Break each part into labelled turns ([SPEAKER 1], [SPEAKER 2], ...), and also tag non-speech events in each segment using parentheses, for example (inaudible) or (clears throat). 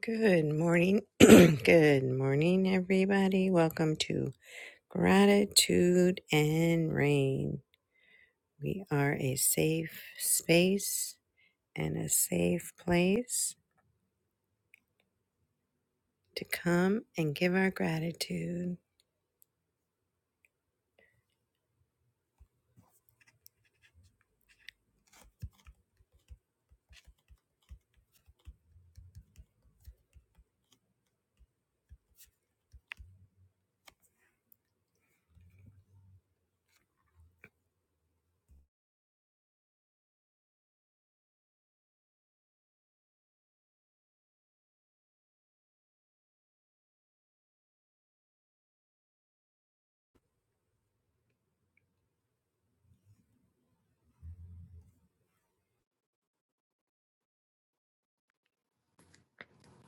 [SPEAKER 1] Good morning. (clears throat) Good morning, everybody. Welcome to Gratitude and Rain. We are a safe space and a safe place to come and give our gratitude.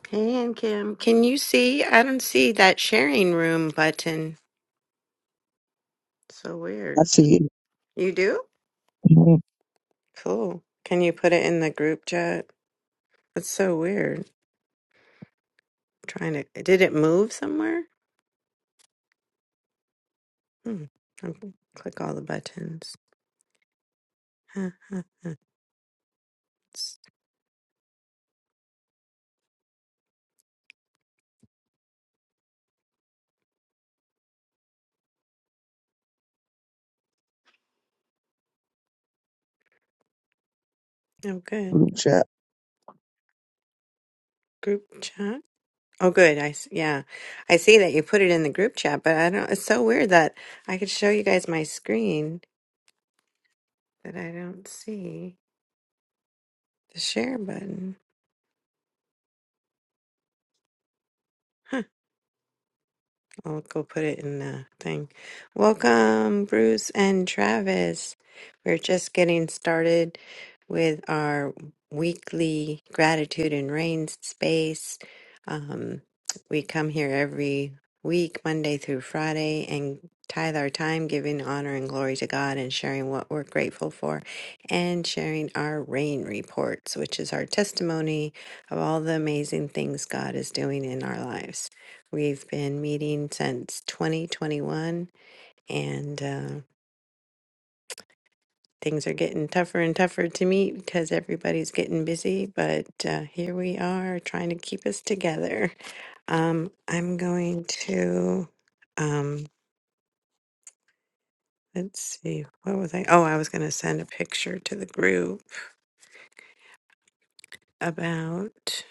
[SPEAKER 1] Hey, and Kim, can you see? I don't see that sharing room button. So
[SPEAKER 2] I
[SPEAKER 1] weird.
[SPEAKER 2] see it.
[SPEAKER 1] You do?
[SPEAKER 2] Come on,
[SPEAKER 1] Cool. Can you put it in the group chat? It's so weird. Trying to, did it move somewhere? Hmm. I'll click all the buttons. (laughs) Oh, good.
[SPEAKER 2] group chat.
[SPEAKER 1] Group chat. Oh, good. I s- yeah, I see that you put it in the group chat, but I don't. It's so weird that I could show you guys my screen, but I don't see the share button. Huh. I'll go put it in the thing. Welcome, Bruce and Travis. We're just getting started with our weekly gratitude and rain space. Um, we come here every week, Monday through Friday, and tithe our time, giving honor and glory to God and sharing what we're grateful for and sharing our rain reports, which is our testimony of all the amazing things God is doing in our lives. We've been meeting since 2021, and uh, things are getting tougher and tougher to meet because everybody's getting busy. But uh, here we are trying to keep us together. Um, I'm going to, um, let's see, what was I? Oh, I was going to send a picture to the group about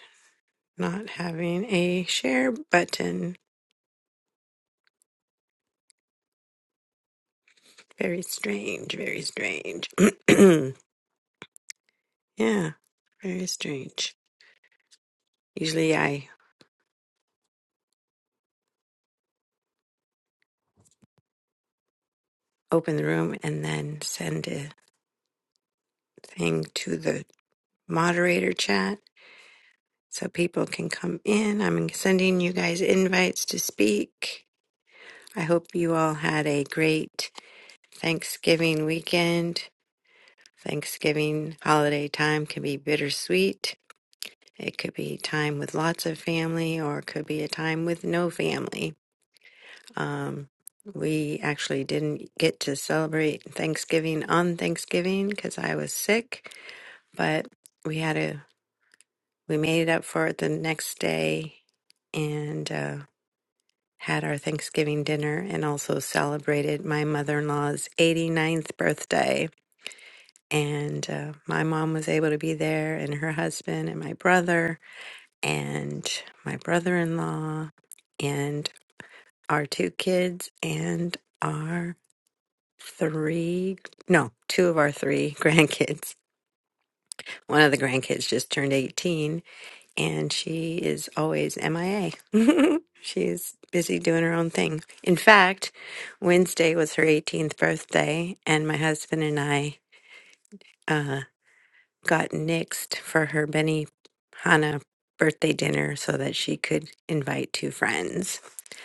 [SPEAKER 1] not having a share button. Very strange, very strange. (clears throat) yeah, very strange. Usually I open the room and then send a thing to the moderator chat so people can come in. I'm sending you guys invites to speak. I hope you all had a great Thanksgiving weekend. Thanksgiving holiday time can be bittersweet. It could be time with lots of family or it could be a time with no family. Um, we actually didn't get to celebrate Thanksgiving on Thanksgiving because I was sick but we had a we made it up for it the next day and uh, had our Thanksgiving dinner and also celebrated my mother in law's 89th birthday. And uh, my mom was able to be there, and her husband, and my brother, and my brother in law, and our two kids, and our three no, two of our three (laughs) grandkids. One of the grandkids just turned 18 and she is always MIA. (laughs) She's busy doing her own thing. In fact, Wednesday was her 18th birthday, and my husband and I uh, got nixed for her Benny Hanna birthday dinner so that she could invite two friends.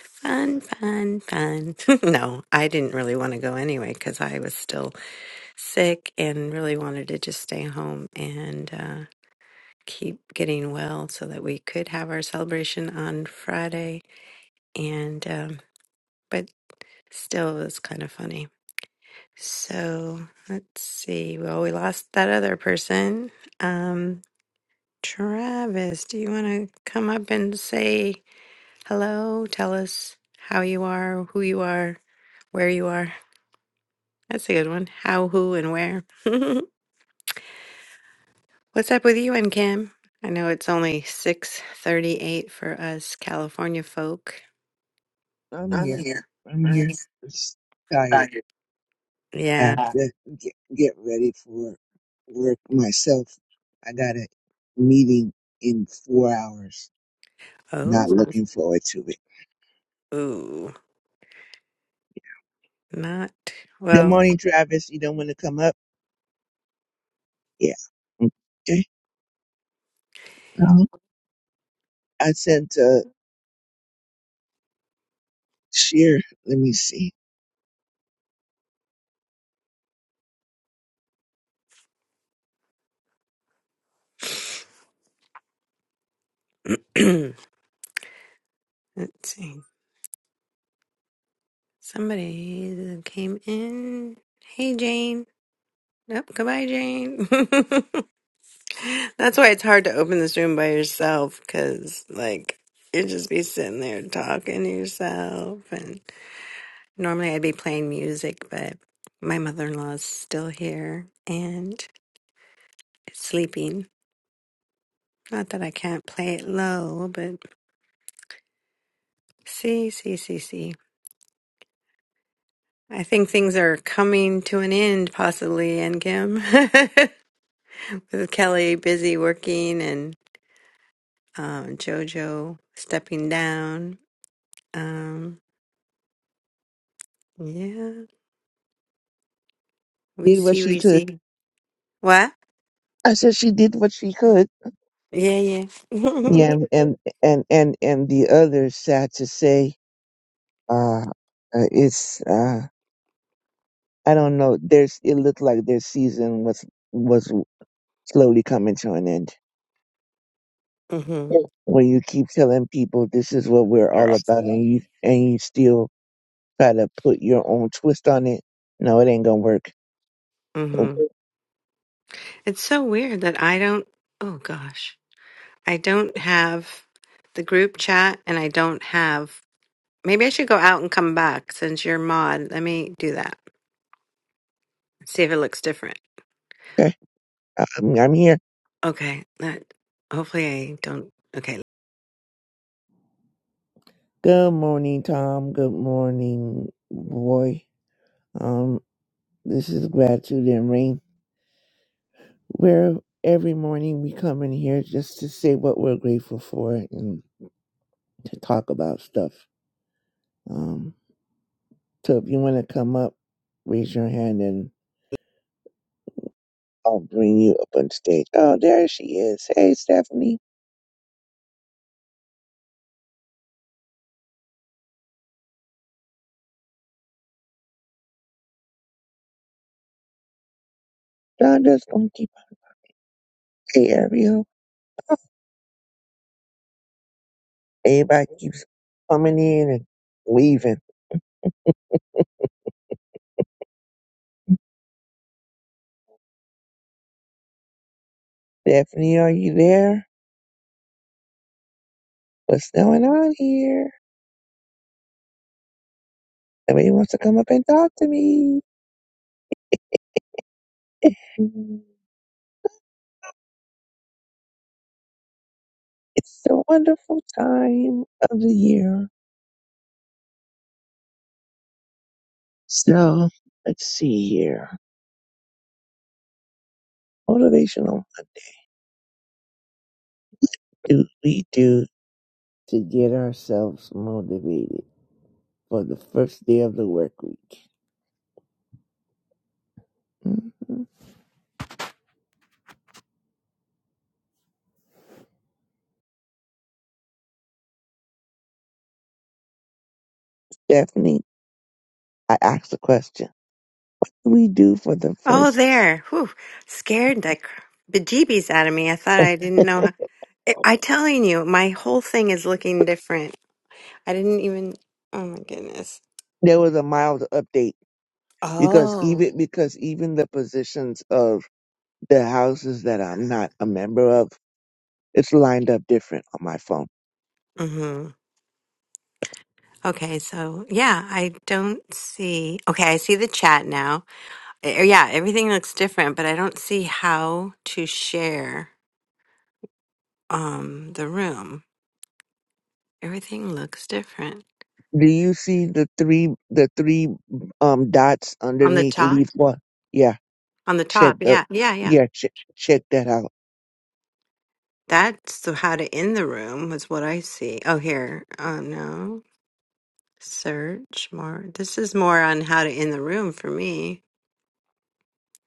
[SPEAKER 1] Fun, fun, fun. (laughs) no, I didn't really want to go anyway because I was still sick and really wanted to just stay home. And uh, keep getting well so that we could have our celebration on Friday. And, um, but still, it was kind of funny. So let's see. Well, we lost that other person. Um, Travis, do you want to come up and say hello? Tell us how you are, who you are, where you are. That's a good one. How, who, and where. (laughs) What's up with you and Kim? I know it's only 6:38 for us California folk.
[SPEAKER 2] I'm here. I'm here. Just tired. I
[SPEAKER 1] Yeah.
[SPEAKER 2] have
[SPEAKER 1] Uh,
[SPEAKER 2] to get, get ready for work myself. I got a meeting in four hours. Not
[SPEAKER 1] Oh,
[SPEAKER 2] looking forward to it.
[SPEAKER 1] ooh. Not
[SPEAKER 2] Good
[SPEAKER 1] well.
[SPEAKER 2] morning, Travis. You don't want to come up? Yeah. Okay. Uh-huh. I sent uh Sheer. Let me see.
[SPEAKER 1] (clears throat) let's see. Somebody came in. Hey, Jane. Nope. Goodbye, Jane. (laughs) That's why it's hard to open this room by yourself, because like you'd just be sitting there talking to yourself. And normally I'd be playing music, but my mother-in-law is still here and sleeping. Not that I can't play it low, but see, see, see, see. I think things are coming to an end, possibly, and Kim, (laughs) with Kelly busy working and um, JoJo stepping down. Um, yeah, we
[SPEAKER 2] Did what
[SPEAKER 1] see,
[SPEAKER 2] she
[SPEAKER 1] we
[SPEAKER 2] could.
[SPEAKER 1] see. What?
[SPEAKER 2] I said she did what she could.
[SPEAKER 1] Yeah, yeah. (laughs)
[SPEAKER 2] Yeah, and and and and the others sad to say. Uh, uh, it's uh. I don't know. There's it looked like their season was was slowly coming to an end.
[SPEAKER 1] hmm
[SPEAKER 2] Mm. When you keep telling people this is what we're
[SPEAKER 1] They're
[SPEAKER 2] all about, and you and you still try to put your own twist on it, no, it ain't gonna work.
[SPEAKER 1] hmm It's so weird that I don't. Oh gosh, I don't have the group chat, and I don't have. Maybe I should go out and come back since you're mod. Let me do that. See if it looks different.
[SPEAKER 2] Okay, I'm, I'm here.
[SPEAKER 1] Okay. That hopefully I don't. Okay.
[SPEAKER 2] Good morning, Tom. Good morning, boy. Um, this is gratitude and rain. Where every morning we come in here just to say what we're grateful for and to talk about stuff. Um. So if you want to come up, raise your hand and I'll bring you up on stage. Oh, there she is. Hey, Stephanie. John gonna keep. Hey, Ariel. Everybody keeps coming in and leaving. Stephanie, are you there? What's going on here? Nobody wants to come up and talk to me. It's a wonderful time of the year. So let's see here. Motivational. What do we do to get ourselves motivated? for the first day of the work week. hmm Stephanie, I asked a question. What do we do for the
[SPEAKER 1] Oh,
[SPEAKER 2] first?
[SPEAKER 1] there. Whew. Scared the cr- bejeebies out of me. I thought I
[SPEAKER 2] (laughs)
[SPEAKER 1] didn't know. How, I, I telling you, my whole thing is looking different. I didn't even. Oh my goodness.
[SPEAKER 2] there was a mild update because
[SPEAKER 1] Oh.
[SPEAKER 2] even because even the positions of the houses that I'm not a member of, it's lined up different on my phone.
[SPEAKER 1] Mm-hmm. Okay. So yeah, I don't see. Okay, I see the chat now. Eh, Yeah, everything looks different, but I don't see how to share um the room. Everything looks different
[SPEAKER 2] Do you see the three the three um dots
[SPEAKER 1] on the
[SPEAKER 2] underneath
[SPEAKER 1] top.
[SPEAKER 2] leaf one? Yeah,
[SPEAKER 1] On the
[SPEAKER 2] check
[SPEAKER 1] top.
[SPEAKER 2] the
[SPEAKER 1] Yeah. Yeah. Yeah.
[SPEAKER 2] yeah check check that out.
[SPEAKER 1] That's the, how to end the room is what I see. Oh, here. Oh, no. Search more. This is more on how to end the room for me.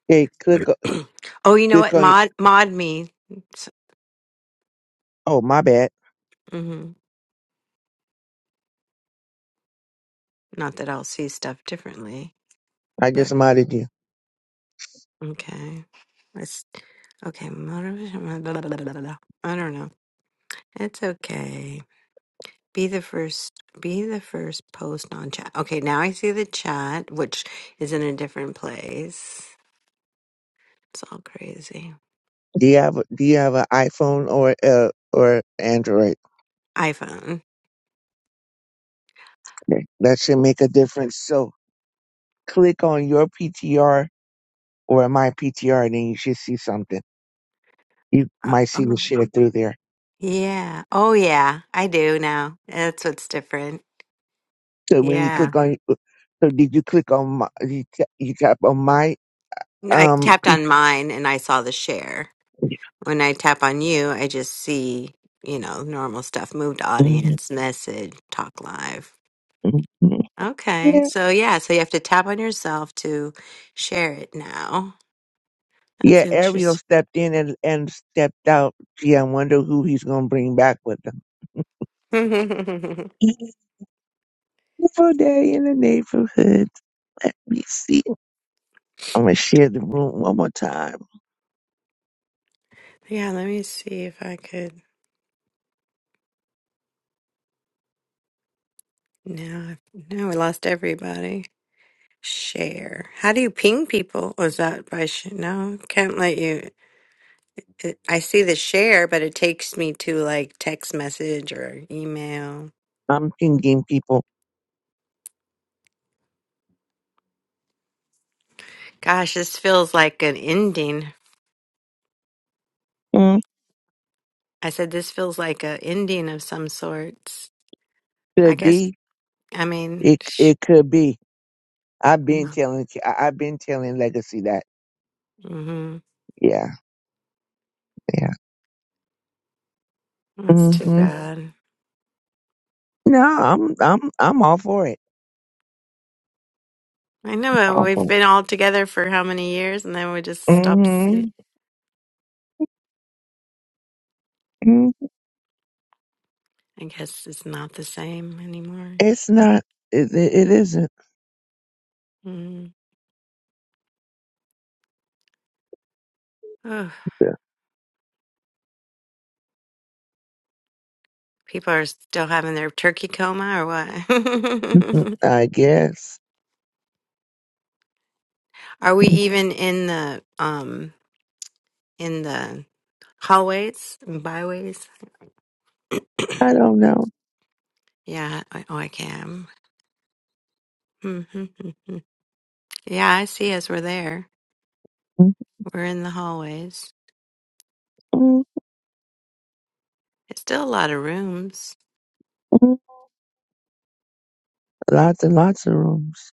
[SPEAKER 2] Hey, click o-
[SPEAKER 1] (clears throat) oh, you know
[SPEAKER 2] click
[SPEAKER 1] what?
[SPEAKER 2] on.
[SPEAKER 1] Mod, mod me.
[SPEAKER 2] Oh my bad,
[SPEAKER 1] hmm Not that I'll see stuff differently,
[SPEAKER 2] I
[SPEAKER 1] but
[SPEAKER 2] just modded you.
[SPEAKER 1] okay. Let's, okay. Motivation. (laughs) Blah, blah, blah, blah, blah, blah. I don't know. It's okay. Be the first. Be the first post on chat. Okay, now I see the chat, which is in a different place. It's all crazy.
[SPEAKER 2] Do you have Do you have an iPhone or uh, or Android?
[SPEAKER 1] iPhone.
[SPEAKER 2] Okay, That should make a difference. So click on your PTR or my PTR, and then you should see something. You
[SPEAKER 1] Uh,
[SPEAKER 2] might see the
[SPEAKER 1] Oh,
[SPEAKER 2] share through there.
[SPEAKER 1] yeah. Oh, yeah. I do now. That's what's different.
[SPEAKER 2] So when you
[SPEAKER 1] Yeah.
[SPEAKER 2] click on, uh, so did you click on my? You, ta- you tap on my
[SPEAKER 1] No, I
[SPEAKER 2] um
[SPEAKER 1] tapped
[SPEAKER 2] P.
[SPEAKER 1] on mine and I saw the share. When I tap on you, I just see, you know, normal stuff move to audience, message, talk live.
[SPEAKER 2] T R. (laughs)
[SPEAKER 1] Okay.
[SPEAKER 2] Yeah,
[SPEAKER 1] So, yeah. So you have to tap on yourself to share it now. That's
[SPEAKER 2] yeah. Ariel
[SPEAKER 1] interesting.
[SPEAKER 2] stepped in and, and stepped out. Gee, I wonder who he's gonna bring back with him.
[SPEAKER 1] (laughs) yeah.
[SPEAKER 2] Beautiful day in the neighborhood. Let me see. I'm gonna share the room one more time.
[SPEAKER 1] Let me see if I could. No, I- no, we lost everybody. Share. How do you ping people? Was that by sh- no? Can't let you. It, I see the share, but it takes me to like text message or email.
[SPEAKER 2] I'm thinking people
[SPEAKER 1] Gosh, this feels like an ending.
[SPEAKER 2] mm,
[SPEAKER 1] I said this feels like an ending of some sorts. I
[SPEAKER 2] could
[SPEAKER 1] guess.
[SPEAKER 2] be
[SPEAKER 1] I mean,
[SPEAKER 2] it.
[SPEAKER 1] sh-
[SPEAKER 2] It could be. I've been telling. I- I've been telling Legacy that.
[SPEAKER 1] mm-hmm.
[SPEAKER 2] Yeah, yeah.
[SPEAKER 1] that's too
[SPEAKER 2] hmm
[SPEAKER 1] bad.
[SPEAKER 2] No, I'm. I'm. I'm all for it.
[SPEAKER 1] I know uh,
[SPEAKER 2] All
[SPEAKER 1] we've
[SPEAKER 2] for
[SPEAKER 1] been all together for how many years, and then we
[SPEAKER 2] it.
[SPEAKER 1] just stopped. s-
[SPEAKER 2] Mm-hmm. mm
[SPEAKER 1] I guess it's not the same anymore.
[SPEAKER 2] It's not. It, it, it isn't.
[SPEAKER 1] Mm. People are still having their turkey coma or
[SPEAKER 2] Mm,
[SPEAKER 1] what?
[SPEAKER 2] I guess.
[SPEAKER 1] (laughs) Are we even in the um in the hallways and byways?
[SPEAKER 2] I don't know.
[SPEAKER 1] Yeah, I- oh I can. (laughs) Mm-hmm. yeah, I see us. We're there.
[SPEAKER 2] mm
[SPEAKER 1] We're in the hallways.
[SPEAKER 2] mm
[SPEAKER 1] It's still a lot of rooms.
[SPEAKER 2] mm. Lots and lots of rooms.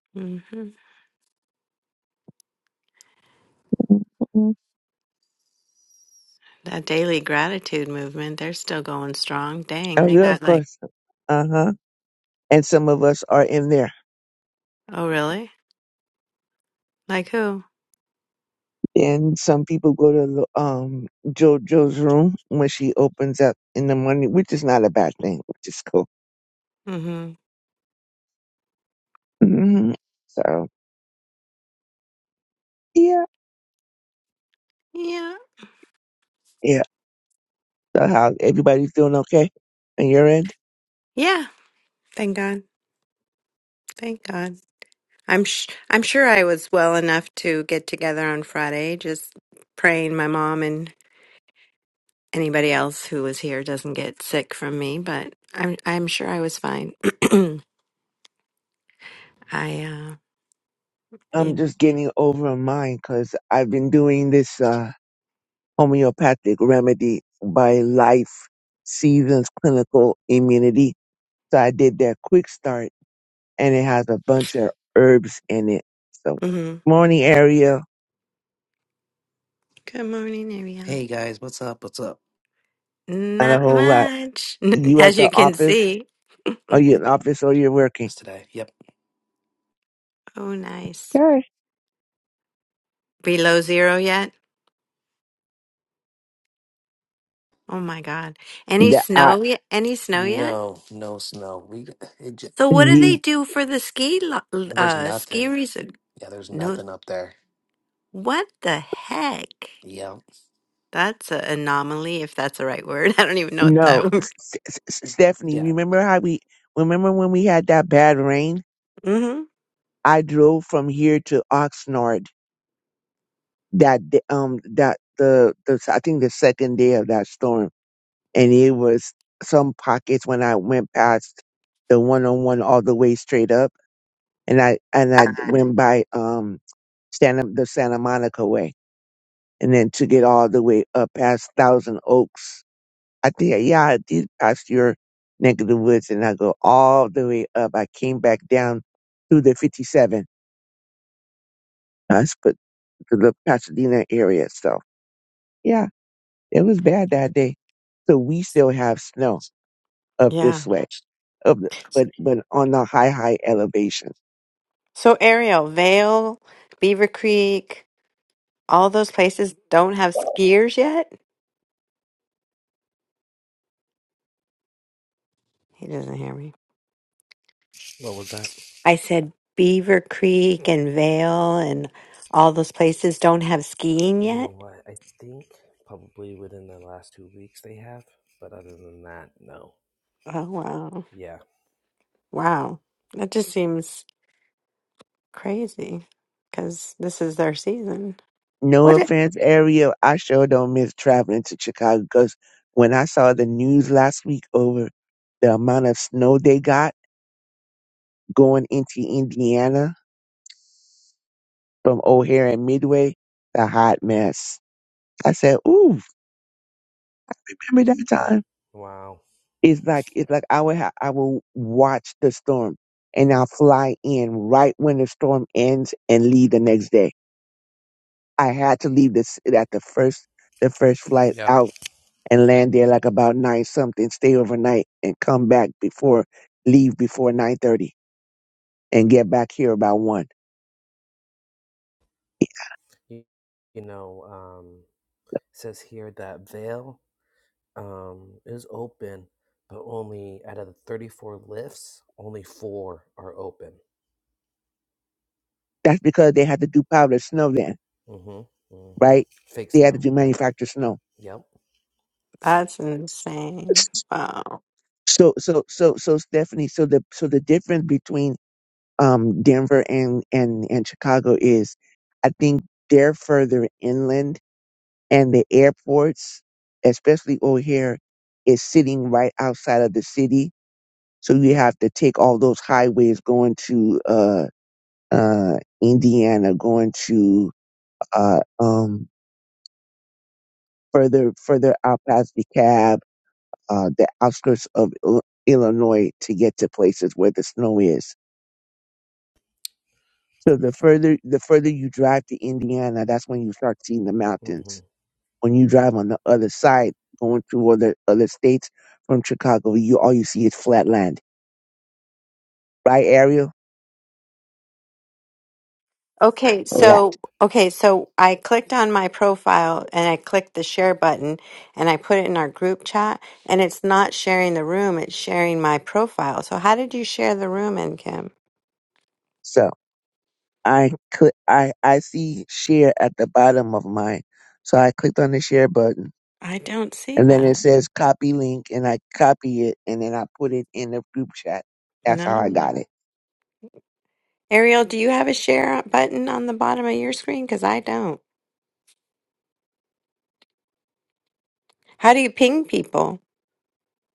[SPEAKER 1] (laughs) hmm
[SPEAKER 2] mm mm
[SPEAKER 1] That daily gratitude movement, they're still going strong. Dang,
[SPEAKER 2] Oh,
[SPEAKER 1] they
[SPEAKER 2] yeah,
[SPEAKER 1] got
[SPEAKER 2] of
[SPEAKER 1] like,
[SPEAKER 2] course. Uh huh. And some of us are in there.
[SPEAKER 1] oh really? Like who?
[SPEAKER 2] Then some people go to um JoJo's room when she opens up in the morning, which is not a bad thing, which is cool.
[SPEAKER 1] hmm
[SPEAKER 2] hmm So yeah,
[SPEAKER 1] Yeah,
[SPEAKER 2] yeah. So how everybody feeling okay on your end?
[SPEAKER 1] yeah. Thank God. Thank God. I'm sh- I'm sure I was well enough to get together on Friday. Just praying my mom and anybody else who was here doesn't get sick from me. But I'm I'm sure I was fine. (clears throat) I uh yeah.
[SPEAKER 2] I'm just getting over mine because I've been doing this uh, homeopathic remedy by Life Seasons Clinical Immunity. So I did that quick start and it has a bunch of herbs in it. So
[SPEAKER 1] hmm
[SPEAKER 2] morning area
[SPEAKER 1] Good morning, Ariel.
[SPEAKER 2] not a
[SPEAKER 1] Not
[SPEAKER 2] whole lot.
[SPEAKER 1] much, (laughs)
[SPEAKER 2] You at
[SPEAKER 1] as you
[SPEAKER 2] the
[SPEAKER 1] can
[SPEAKER 2] office?
[SPEAKER 1] see.
[SPEAKER 2] Are you in office or you're working?
[SPEAKER 1] Oh, nice.
[SPEAKER 2] Sure.
[SPEAKER 1] Below zero yet? Oh my God. Any
[SPEAKER 2] That I
[SPEAKER 1] snow yet? Any snow yet? So what do they
[SPEAKER 2] the
[SPEAKER 1] do for the ski lo- uh ski resort? No, what the heck? That's an anomaly, if that's the right word. (laughs) I don't even know what
[SPEAKER 2] no,
[SPEAKER 1] that would
[SPEAKER 2] S- S- S- Stephanie. Remember how we remember when we had that bad rain?
[SPEAKER 1] hmm
[SPEAKER 2] I drove from here to Oxnard that the- um that the the I think the second day of that storm, and it was some pockets when I went past the one on one all the way straight up, and I and I went by um Santa the Santa Monica way, and then took it all the way up past Thousand Oaks. I think yeah, I did pass your neck of the woods, and I go all the way up. I came back down through the fifty seven. I put to the Pasadena area, so yeah. It was bad that day. So we still have snow up
[SPEAKER 1] Yeah.
[SPEAKER 2] this way, up the, but but on the high high elevation.
[SPEAKER 1] So Ariel, Vale, Beaver Creek, all those places don't have skiers yet. He doesn't hear me. I said Beaver Creek and Vale and all those places don't have skiing yet. Oh wow, wow, that just seems crazy because this is their season.
[SPEAKER 2] No
[SPEAKER 1] What? i-
[SPEAKER 2] offense, Ariel. I sure don't miss traveling to Chicago because when I saw the news last week over the amount of snow they got going into Indiana from O'Hare and Midway, the hot mess. I said, "Ooh, remember that time?" It's like it's like I would ha- I will watch the storm and I'll fly in right when the storm ends and leave the next day. I had to leave this at the first the first flight out and land there like about nine something, stay overnight and come back before leave before nine thirty and get back here about one. That's because they had to do powdered snow then, right? They had to do manufactured snow.
[SPEAKER 1] That's insane. Wow.
[SPEAKER 2] So, so, so, so, Stephanie, so the so the difference between um Denver and and and Chicago is, I think they're further inland, and the airports, especially over here, is sitting right outside of the city. So you have to take all those highways going to uh uh Indiana, going to uh um further further out past DeKalb uh, the outskirts of Il- Illinois to get to places where the snow is. So the further the further you drive to Indiana, that's when you start seeing the mountains. When you drive on the other side, going through other other states from Chicago, you all you see is flat land, right, Ariel?
[SPEAKER 1] Okay,
[SPEAKER 2] Flat.
[SPEAKER 1] so okay, so I clicked on my profile and I clicked the share button and I put it in our group chat and it's not sharing the room, it's sharing my profile. So how did you share the room in Kim?
[SPEAKER 2] So I could I I see share at the bottom of mine, so I clicked on the share button,
[SPEAKER 1] I don't see
[SPEAKER 2] and then it
[SPEAKER 1] that.
[SPEAKER 2] says copy link, and I copy it, and then I put it in the group chat. That's how I got
[SPEAKER 1] No.
[SPEAKER 2] it.
[SPEAKER 1] Ariel, do you have a share button on the bottom of your screen? Because I don't. How do you ping people?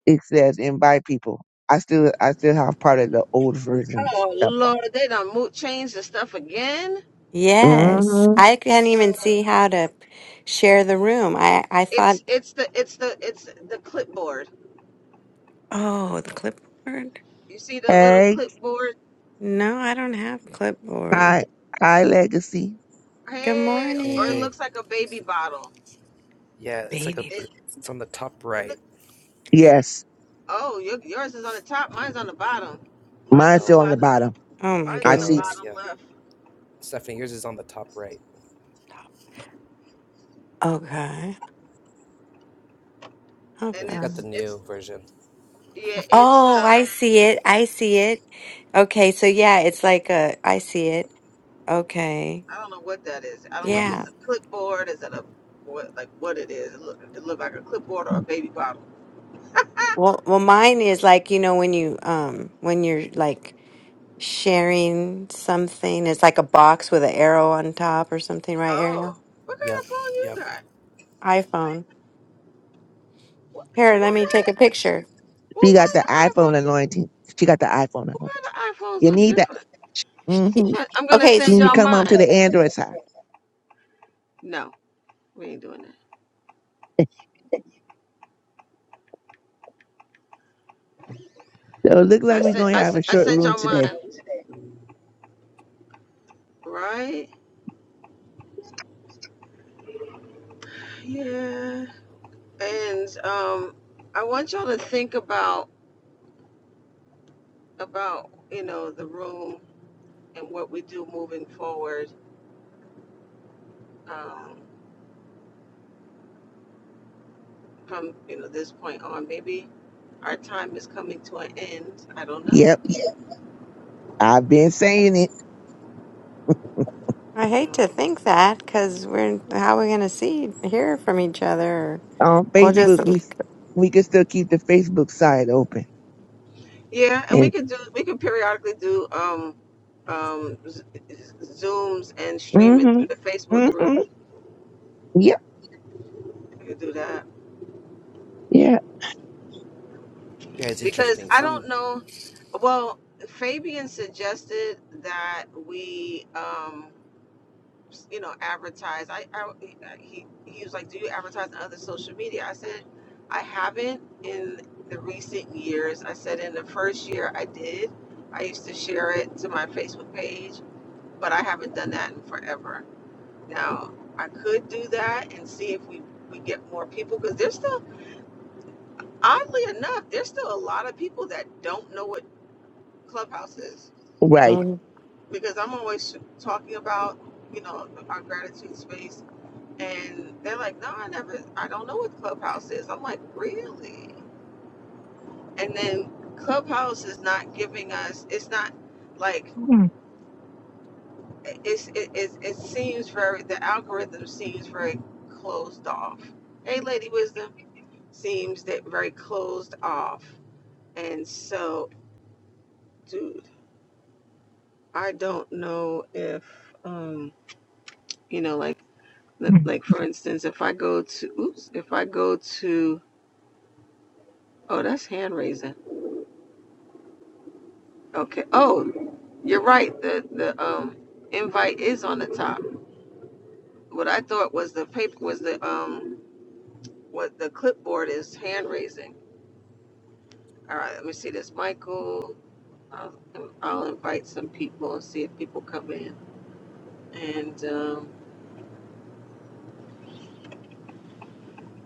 [SPEAKER 2] It says invite people. I still I still have part of the old version
[SPEAKER 3] Oh
[SPEAKER 2] stuff on.
[SPEAKER 3] Lord, they done mo- change the stuff again.
[SPEAKER 1] Yes.
[SPEAKER 2] Mm-hmm.
[SPEAKER 1] I can't even see how to share the room. I, I thought,
[SPEAKER 3] It's it's the it's the it's the clipboard.
[SPEAKER 1] oh, the clipboard?
[SPEAKER 3] You see the little
[SPEAKER 2] Hey,
[SPEAKER 3] clipboard?
[SPEAKER 1] No, I don't have clipboard.
[SPEAKER 2] high high legacy.
[SPEAKER 1] Good
[SPEAKER 3] Hey, or it
[SPEAKER 1] morning,
[SPEAKER 3] looks like a baby bottle.
[SPEAKER 1] baby.
[SPEAKER 3] It, it look.
[SPEAKER 2] Yes,
[SPEAKER 3] Oh, your, yours is on the top. Mine's on the bottom. Mine's
[SPEAKER 2] mine's
[SPEAKER 3] on the
[SPEAKER 2] still on the
[SPEAKER 3] bottom.
[SPEAKER 2] bottom.
[SPEAKER 1] Oh my
[SPEAKER 3] Mine's
[SPEAKER 2] I
[SPEAKER 3] on the
[SPEAKER 2] see.
[SPEAKER 1] goodness.
[SPEAKER 3] bottom left.
[SPEAKER 1] Okay.
[SPEAKER 3] And
[SPEAKER 1] Okay.
[SPEAKER 3] it's it's yeah. It's
[SPEAKER 1] Oh, I
[SPEAKER 3] um.
[SPEAKER 1] see it. I see it. Okay, so yeah, it's like a I see it. Okay.
[SPEAKER 3] I don't know what that is. I don't know if
[SPEAKER 1] Yeah.
[SPEAKER 3] it's a clipboard. Is it a what like what it is? It look it look like a clipboard or a baby bottle.
[SPEAKER 1] Well, well mine is like, you know, when you um when you're like sharing something, it's like a box with an arrow on top or something, right, Ariel?
[SPEAKER 3] Oh, what kind of phone you got?
[SPEAKER 1] iPhone.
[SPEAKER 3] Well,
[SPEAKER 1] Here, let me
[SPEAKER 3] why,
[SPEAKER 1] take a picture.
[SPEAKER 3] well,
[SPEAKER 2] She got
[SPEAKER 3] why
[SPEAKER 2] the
[SPEAKER 3] the
[SPEAKER 2] iPhone
[SPEAKER 3] iPhones?
[SPEAKER 2] anointing. She got the iPhone anointing.
[SPEAKER 3] Why the iPhones
[SPEAKER 2] You
[SPEAKER 3] look
[SPEAKER 2] need that.
[SPEAKER 3] different?
[SPEAKER 1] Y-
[SPEAKER 3] I'm
[SPEAKER 2] Mm-hmm.
[SPEAKER 3] gonna
[SPEAKER 1] Okay,
[SPEAKER 2] She
[SPEAKER 3] send
[SPEAKER 2] need to
[SPEAKER 3] y'all
[SPEAKER 2] come on
[SPEAKER 3] mine.
[SPEAKER 2] to the Android side.
[SPEAKER 3] No, we ain't doing that.
[SPEAKER 2] (laughs) So it look
[SPEAKER 3] So I
[SPEAKER 2] like we're
[SPEAKER 3] sent,
[SPEAKER 2] gonna
[SPEAKER 3] I
[SPEAKER 2] have a
[SPEAKER 3] sent, I
[SPEAKER 2] short
[SPEAKER 3] sent
[SPEAKER 2] room
[SPEAKER 3] y'all
[SPEAKER 2] today.
[SPEAKER 3] mine, right? Yeah. And um, I want y'all to think about about you know the room and what we do moving forward um, from you know this point on. Maybe our time is coming to an end. I don't
[SPEAKER 2] Yep, I've been saying it
[SPEAKER 1] I hate
[SPEAKER 3] know.
[SPEAKER 1] to think that because we're how we going to see hear from each other?
[SPEAKER 2] on
[SPEAKER 1] We'll just.
[SPEAKER 2] Facebook. We we can still keep the Facebook side open.
[SPEAKER 3] Yeah, and we
[SPEAKER 2] And
[SPEAKER 3] could do we could periodically do um um Z- zooms and stream it
[SPEAKER 2] mm-hmm,
[SPEAKER 3] through the Facebook
[SPEAKER 2] mm-hmm.
[SPEAKER 3] group.
[SPEAKER 2] Yep,
[SPEAKER 3] We could do that
[SPEAKER 2] yeah.
[SPEAKER 3] because I don't know. Well, Fabian suggested that we um you know advertise. I, I he he was like, "Do you advertise on other social media?" I said, "I haven't in the recent years." I said, "In the first year, I did. I used to share it to my Facebook page, but I haven't done that in forever." Now, I could do that and see if we, we get more people because there's still, oddly enough, there's still a lot of people that don't know what Clubhouse is
[SPEAKER 2] Right.
[SPEAKER 1] Mm-hmm,
[SPEAKER 3] because I'm always talking about, you know, our gratitude space. And they're like, no, I never, I don't know what Clubhouse is. I'm like, really? And then Clubhouse is not giving us, it's not like,
[SPEAKER 2] Mhm.
[SPEAKER 3] it's, it, it, it seems very, the algorithm seems very closed off. Hey, Lady Wisdom. seems that very closed off. And so, dude, I don't know if um, you know, like
[SPEAKER 2] (laughs)
[SPEAKER 3] like for instance, if I go to oops, if I go to oh, that's hand raising. Okay. Oh, you're right. The the um invite is on the top. What I thought was the paper was the um what the clipboard is hand raising. All right, let me see this, Michael. I'll, I'll invite some people and see if people come in. And um,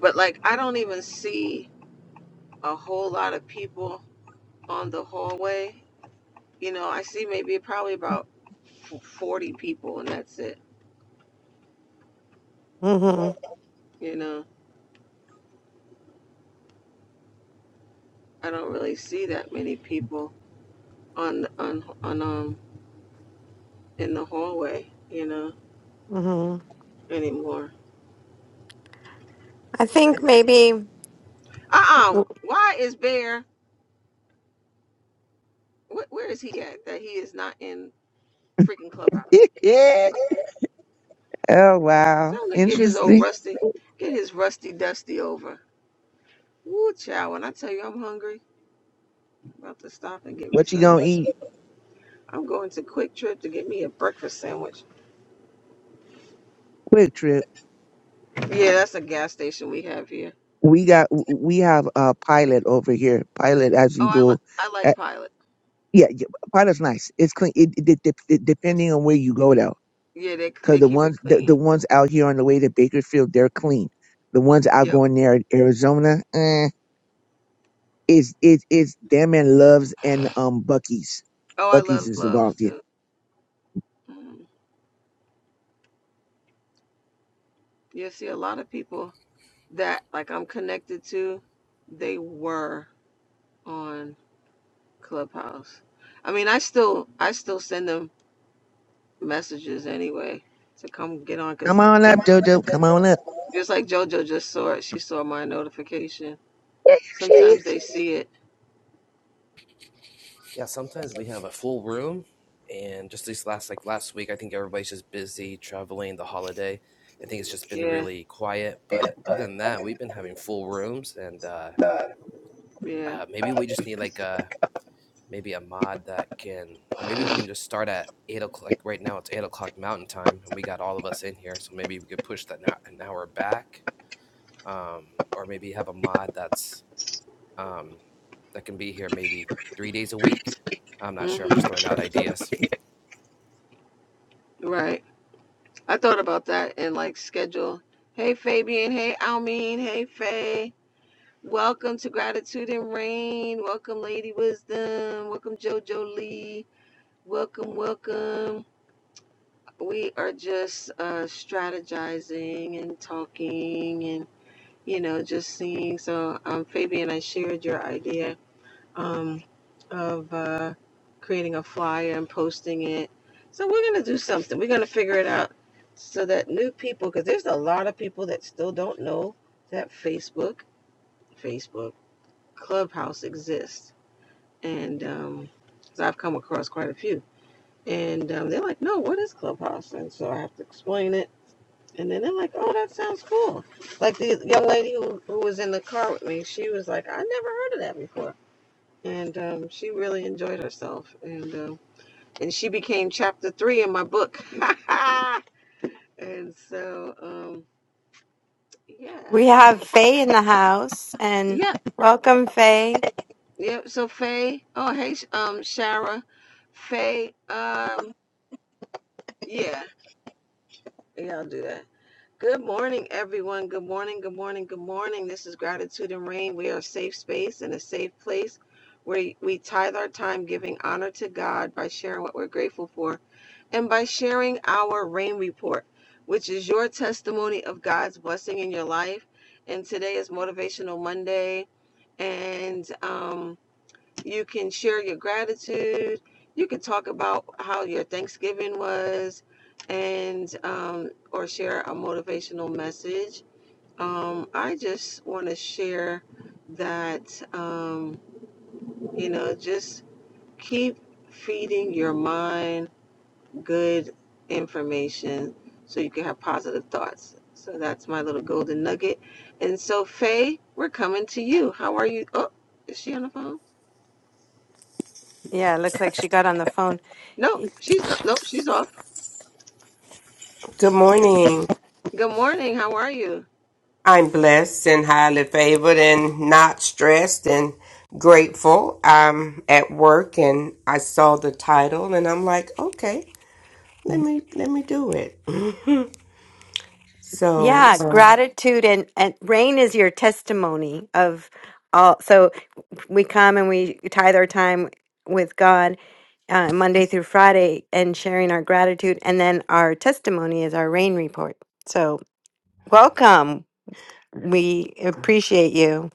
[SPEAKER 3] But like I don't even see a whole lot of people on the hallway. You know, I see maybe probably about 40 people and that's it.
[SPEAKER 1] mm
[SPEAKER 3] You know, I don't really see that many people on on on um in the hallway, you know,
[SPEAKER 1] hmm
[SPEAKER 3] anymore.
[SPEAKER 1] I think maybe
[SPEAKER 3] Uh-uh. Why is Bear wh- where is he at that he is not in freaking clubhouse?
[SPEAKER 2] oh wow.
[SPEAKER 3] Tell him to get his old
[SPEAKER 2] Interesting.
[SPEAKER 3] rusty get his rusty dusty over. Woo, child, when I tell you I'm hungry, I'm about to stop and get me
[SPEAKER 2] What you
[SPEAKER 3] something
[SPEAKER 2] gonna eat?
[SPEAKER 3] I'm going to Quick Trip to get me a breakfast sandwich.
[SPEAKER 2] Quick trip.
[SPEAKER 3] Yeah, that's a gas station we have here.
[SPEAKER 2] We got we have a pilot over here. Pilot as you
[SPEAKER 3] Oh, I, li-
[SPEAKER 2] go.
[SPEAKER 3] I
[SPEAKER 2] Uh,
[SPEAKER 3] like Pilot.
[SPEAKER 2] yeah, yeah, pilot's nice. It's clean. It, it, de- de-
[SPEAKER 3] It's,
[SPEAKER 2] depending on where you go though,
[SPEAKER 3] yeah, they
[SPEAKER 2] because
[SPEAKER 3] they
[SPEAKER 2] the
[SPEAKER 3] keep it
[SPEAKER 2] ones the,
[SPEAKER 3] clean.
[SPEAKER 2] the ones out here on the way to Bakerfield, they're clean. The ones out
[SPEAKER 3] Yep.
[SPEAKER 2] going there in Arizona, eh, is it is them and Loves and um Bucky's.
[SPEAKER 3] Oh, I
[SPEAKER 2] Bucky's
[SPEAKER 3] love
[SPEAKER 2] is
[SPEAKER 3] gloves
[SPEAKER 2] involved here.
[SPEAKER 3] too. Mm. You see, a lot of people that like I'm connected to, they were on Clubhouse. I mean, I still I still send them messages anyway to come get on
[SPEAKER 2] Come
[SPEAKER 3] because
[SPEAKER 2] on up, Dodo. Come on up.
[SPEAKER 3] just like JoJo just saw it, she saw my notification.
[SPEAKER 2] There she
[SPEAKER 3] Sometimes they see it. Yeah. Yeah. hmm Right. I thought about that and like schedule. Hey Fabian. Hey Almeen. Hey Faye. Welcome to Gratitude and Rain. Welcome Lady Wisdom. Welcome JoJo Lee. Welcome, welcome. We are just uh, strategizing and talking and you know just seeing. So um, Fabian, I shared your idea um, of uh, creating a flyer and posting it. So we're gonna do something. We're gonna figure it out so that new people, because there's a lot of people that still don't know that Facebook, Facebook Clubhouse exists, and um, so I've come across quite a few, and um, they're like, "No, what is Clubhouse?" And so I have to explain it. And then they're like, "Oh, that sounds cool." Like the young lady who, who was in the car with me, she was like, "I never heard of that before." and um, she really enjoyed herself and uh, and she became chapter three in my book (laughs) and so um, yeah
[SPEAKER 1] we have Faye in the house and
[SPEAKER 3] yeah
[SPEAKER 1] welcome Faye.
[SPEAKER 3] yeah so faye oh hey um shara faye um yeah yeah i'll do that Good morning, everyone. Good morning, good morning, good morning. This is Gratitude and Rain. We are a safe space and a safe place where we tithe our time giving honor to God by sharing what we're grateful for and by sharing our rain report, which is your testimony of God's blessing in your life. And today is Motivational Monday. And, um. You can share your gratitude. You can talk about how your Thanksgiving was, and um, or share a motivational message. Um, I just want to share that um, you know just keep feeding your mind good information so you can have positive thoughts. So that's my little golden nugget. And so Faye, we're coming to you. How are you? Oh, is she on the phone?
[SPEAKER 1] Yeah, it looks like she got on the phone.
[SPEAKER 3] No,
[SPEAKER 1] Y-
[SPEAKER 3] she's not. Nope, she's off.
[SPEAKER 4] Good morning.
[SPEAKER 3] Good morning. How are you?
[SPEAKER 4] I'm blessed and highly favored and not stressed and grateful. I'm at work and I saw the title and I'm like, okay, let me let me do it. (laughs) So
[SPEAKER 1] Yeah,
[SPEAKER 4] uh,
[SPEAKER 1] gratitude and and rain is your testimony of all. So. we come and we tithe our time with God uh, Monday through Friday and sharing our gratitude. And then our testimony is our rain report. So, welcome. We appreciate you.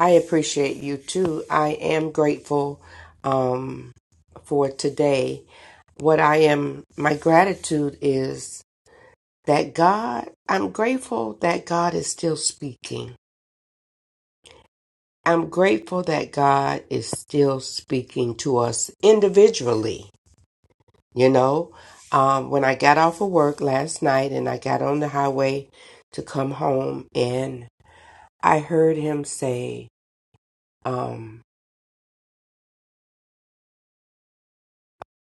[SPEAKER 4] I appreciate you too. I am grateful um, for today. What I am, my gratitude is that God. I'm grateful that God is still speaking. I'm grateful that God is still speaking to us individually. You know, um, when I got off of work last night and I got on the highway to come home, and I heard him say, um,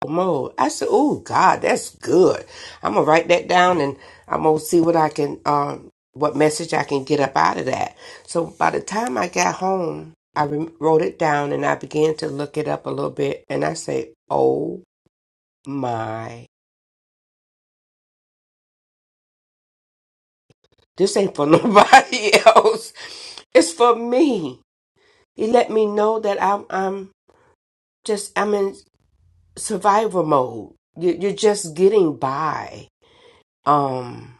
[SPEAKER 4] Mo, I said, Oh, God, that's good. I'm going to write that down and I'm going to see what I can, um, what message I can get up out of that. So by the time I got home, I wrote it down and I began to look it up a little bit and I say, Oh My, this ain't for (laughs) nobody else. It's for me. He let me know that I'm, I'm just, I'm in survival mode. You, you're just getting by. Um,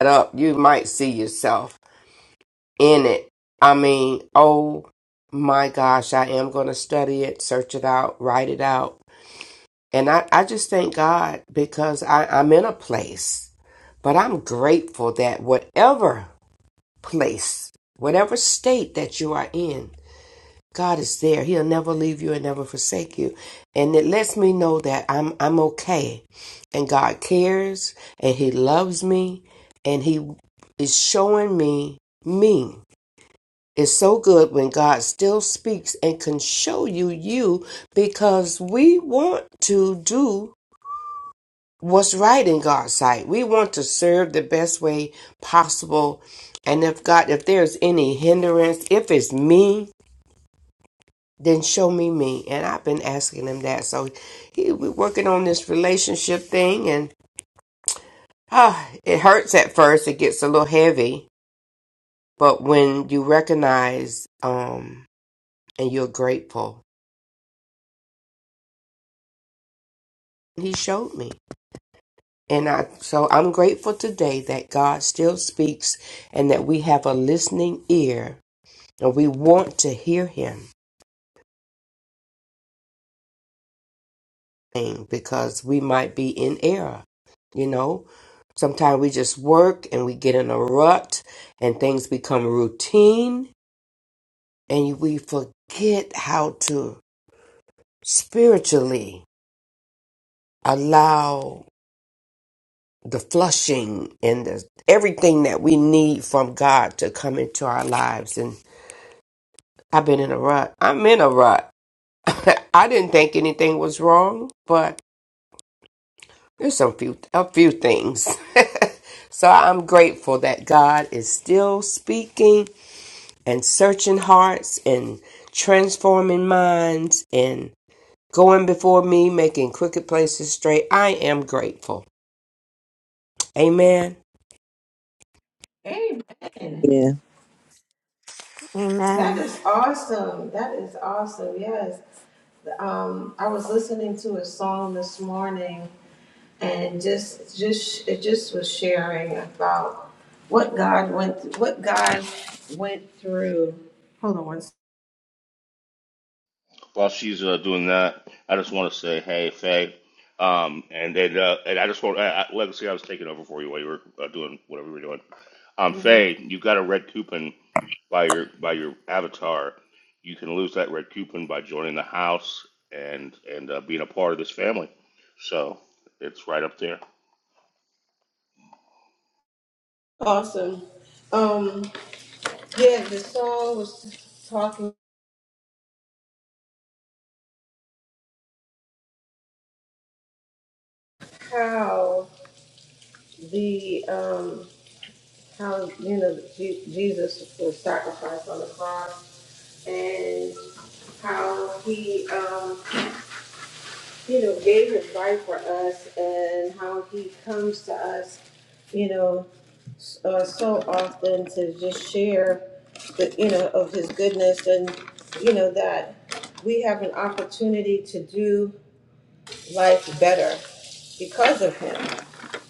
[SPEAKER 4] shut up. You might see yourself in it. I mean, oh my gosh, I am going to study it, search it out, write it out. And I, I just thank God because I, I'm in a place, but I'm grateful that whatever place, whatever state that you are in, God is there. He'll never leave you and never forsake you. And it lets me know that I'm I'm okay. And God cares and he loves me and he is showing me me. It's so good when God still speaks and can show you you because we want to do what's right in God's sight. We want to serve the best way possible. And if God, if there's any hindrance, if it's me, then show me me. And I've been asking him that. So he, we're working on this relationship thing and ah, it hurts at first. It gets a little heavy, but when you recognize, um, and you're grateful, he showed me. And I, so I'm grateful today that God still speaks and that we have a listening ear And we want to hear him sing because we might be in error, you know? Sometimes we just work and we get in a rut and things become routine and we forget how to spiritually allow the flushing and the, everything that we need from God to come into our lives. And I've been in a rut. I'm in a rut. (laughs) I didn't think anything was wrong, but There's some few a few things. (laughs) so I'm grateful that God is still speaking and searching hearts and transforming minds and going before me, making crooked places straight. I am grateful. Amen.
[SPEAKER 3] Amen.
[SPEAKER 2] is.
[SPEAKER 3] That
[SPEAKER 1] Amen.
[SPEAKER 3] is awesome. That is awesome. Yes. Um, I was listening to a song this morning, and just just it just was sharing about what God went th- what God went through.
[SPEAKER 5] While she's uh, doing that, I just want to say, hey, Faye, um, and then, uh, and I just want, I, I, Legacy, I was taking over for you while you were uh, doing whatever you were doing. Um, Faye, you got a red coupon by your by your avatar. You can lose that red coupon by joining the house and and uh, being a part of this family. So it's right up there.
[SPEAKER 3] Awesome. Um, yeah, the song was talking how the um, how you know Je- Jesus was sacrificed on the cross and how he, um, you know, gave his life for us and how he comes to us, you know, s- uh, so often to just share the, you know, of his goodness and, you know, that we have an opportunity to do life better because of him,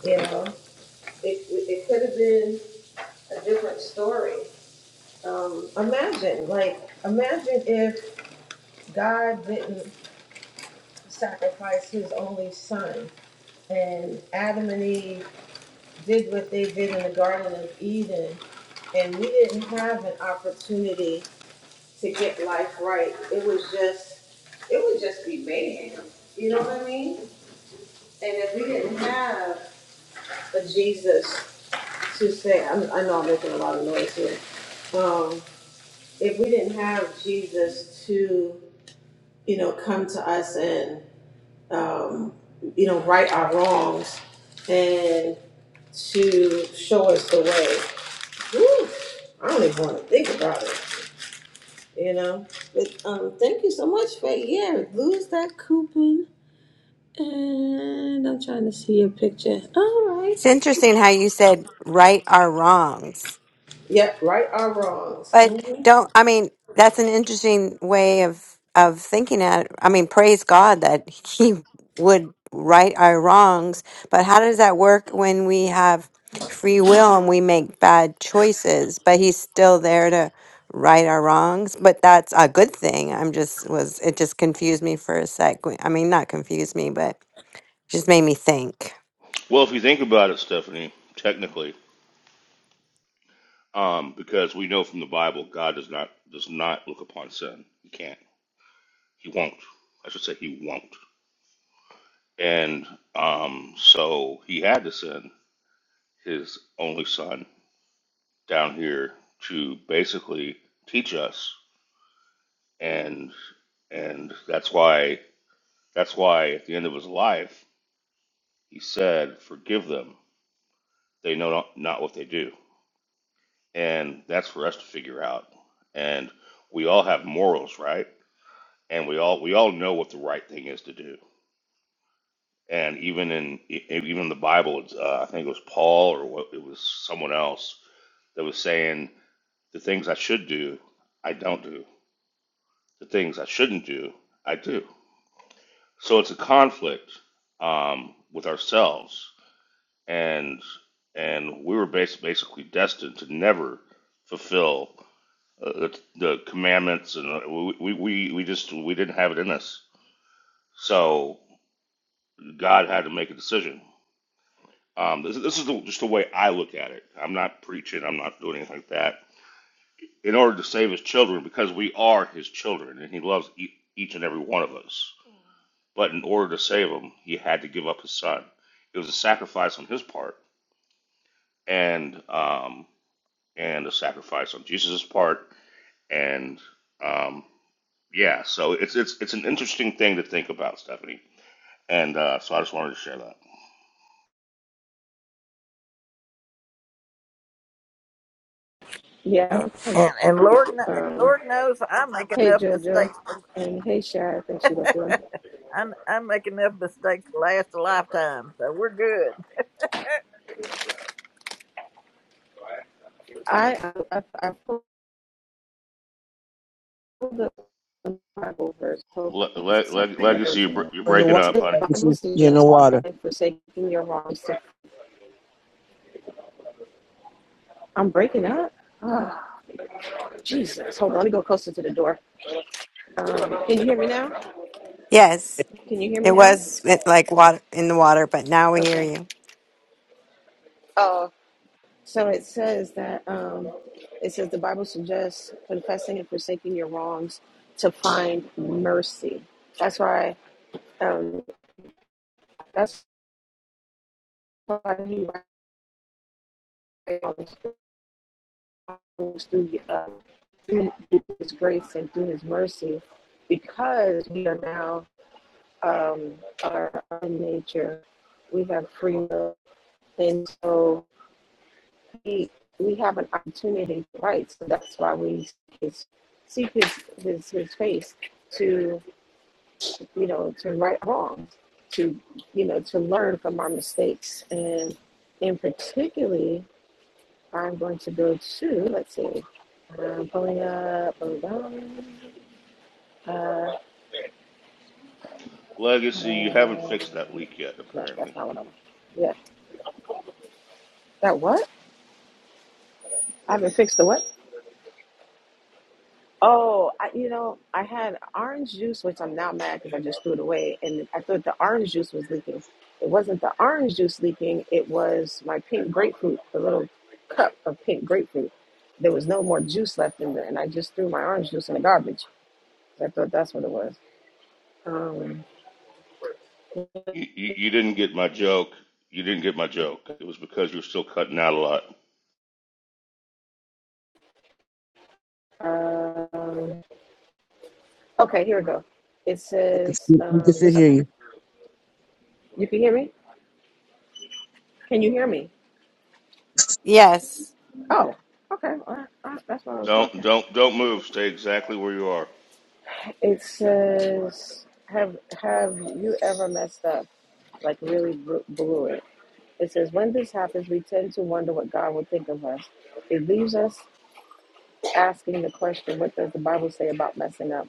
[SPEAKER 3] you know. It, it could have been a different story. Um, imagine, like, imagine if God didn't sacrificed his only son. And Adam and Eve did what they did in the Garden of Eden, and we didn't have an opportunity to get life right. It was just, it would just be mayhem. You know what I mean? And if we didn't have a Jesus to say, I'm, I know I'm making a lot of noise here. Um, if we didn't have Jesus to, you know, come to us and, um, you know, right our wrongs, and to show us the way. Whew, I don't even want to think about it, you know? But um, thank you so much for yeah, lose that coupon, and I'm trying to see your picture. All right.
[SPEAKER 1] It's interesting how you said right our wrongs.
[SPEAKER 3] Yep, right or wrongs.
[SPEAKER 1] But
[SPEAKER 3] hmm
[SPEAKER 1] don't, I mean, that's an interesting way of of thinking at it. I mean, praise God that (laughs) he would right our wrongs, but how does that work when we have free will and we make bad choices, but he's still there to right our wrongs? But that's a good thing. I'm just was it just confused me for a sec. I mean, not confused me, but just made me think.
[SPEAKER 5] Well, if you think about it, Stephanie, technically, um, because we know from the Bible, God does not does not look upon sin. He can't. He won't. I should say he won't. And um, so he had to send his only son down here to basically teach us. And and that's why that's why at the end of his life he said, "Forgive them; they know not, not what they do." And that's for us to figure out. And we all have morals, right? And we all we all know what the right thing is to do. And even in e, even in the Bible, it's, uh, I think it was Paul or what, it was someone else that was saying The things I should do, I don't do. The things I shouldn't do, I do. So it's a conflict um, with ourselves, and and we were bas- basically destined to never fulfill uh, the, the commandments, and uh, we, we we we just we didn't have it in us. So God had to make a decision. Um, this, this is the, just the way I look at it. I'm not preaching. I'm not doing anything like that. in order to save his children because we are his children and he loves e- each and every one of us. But in order to save him, he had to give up his son. It was a sacrifice on his part and um, and a sacrifice on Jesus' part. And um, yeah, so it's it's it's an interesting thing to think about, Stephanie. And uh, so I just wanted to share that.
[SPEAKER 6] And,
[SPEAKER 3] Yeah, I'm gonna
[SPEAKER 6] and and
[SPEAKER 3] give
[SPEAKER 6] Lord,
[SPEAKER 3] you.
[SPEAKER 6] kn- and
[SPEAKER 3] Um,
[SPEAKER 6] Lord knows I make
[SPEAKER 3] hey
[SPEAKER 6] enough
[SPEAKER 3] Jojo,
[SPEAKER 6] mistakes. To,
[SPEAKER 3] and hey Shara, I think she left the room.
[SPEAKER 6] I I make enough mistakes to last a lifetime, so we're good.
[SPEAKER 3] I I I I pulled up the Bible verse. Hold on
[SPEAKER 5] Le-
[SPEAKER 3] one
[SPEAKER 5] le-
[SPEAKER 3] second.
[SPEAKER 5] leg-
[SPEAKER 3] I go
[SPEAKER 5] legacy, you're,
[SPEAKER 3] to
[SPEAKER 5] br-
[SPEAKER 3] it.
[SPEAKER 5] you're
[SPEAKER 2] in the
[SPEAKER 5] breaking
[SPEAKER 3] It
[SPEAKER 2] water.
[SPEAKER 5] up,
[SPEAKER 3] says,
[SPEAKER 5] honey.
[SPEAKER 2] If
[SPEAKER 3] "Bible
[SPEAKER 2] you- you in the
[SPEAKER 3] suggests
[SPEAKER 2] water.
[SPEAKER 3] right forsaking your wrongs." I'm breaking up. Oh, Jesus. Hold on. Let me go closer to the door. Um, can you hear me now?
[SPEAKER 1] Yes,
[SPEAKER 3] Can you hear me
[SPEAKER 1] it
[SPEAKER 3] now?
[SPEAKER 1] was it, like water in the water, but now we hear
[SPEAKER 3] Okay.
[SPEAKER 1] you.
[SPEAKER 3] Uh, so um, the the Bible says singing forsaking your wrongs. So that's why, um, that's why he writes all these things through, uh, through his grace and through his mercy, because we are now um, our own nature. We have free will. And so we we have an opportunity, right? So that's why we seek his, seek his, his his face to you know to right wrongs, to you know to learn from our mistakes, and in particularly, I'm going to go to let's see, I'm pulling up, hold on, uh,
[SPEAKER 5] Legacy, you haven't
[SPEAKER 3] uh,
[SPEAKER 5] fixed that leak yet,
[SPEAKER 3] no, that's
[SPEAKER 5] apparently.
[SPEAKER 3] not what I'm. Yeah, that what? I haven't fixed the what? Oh, I, you know, I had orange juice, which I'm now mad because I just threw it away, and I thought the orange juice was leaking. It wasn't the orange juice leaking; it was my pink grapefruit, the little cup of pink grapefruit. There was no more juice left in there, and I just threw my orange juice in the garbage. I thought that's what it was. Um,
[SPEAKER 5] You, you, you didn't get my joke. You didn't get my joke. It was because you're still cutting out a lot.
[SPEAKER 3] um, okay, here we go. It
[SPEAKER 2] I can
[SPEAKER 3] says,
[SPEAKER 2] see, you can
[SPEAKER 3] um,
[SPEAKER 2] still
[SPEAKER 3] "This."
[SPEAKER 2] hear you.
[SPEAKER 3] You can hear me? Can you hear me?
[SPEAKER 1] Yes.
[SPEAKER 3] Oh, okay. All right, all right, that's why I was talking.
[SPEAKER 5] Don't don't don't move. Stay exactly where you are.
[SPEAKER 3] It says, "Have have you ever messed up, like really br- blew it?" It says, "When this happens, we tend to wonder what God will think of us. It leaves us asking the question, what does the Bible say about messing up?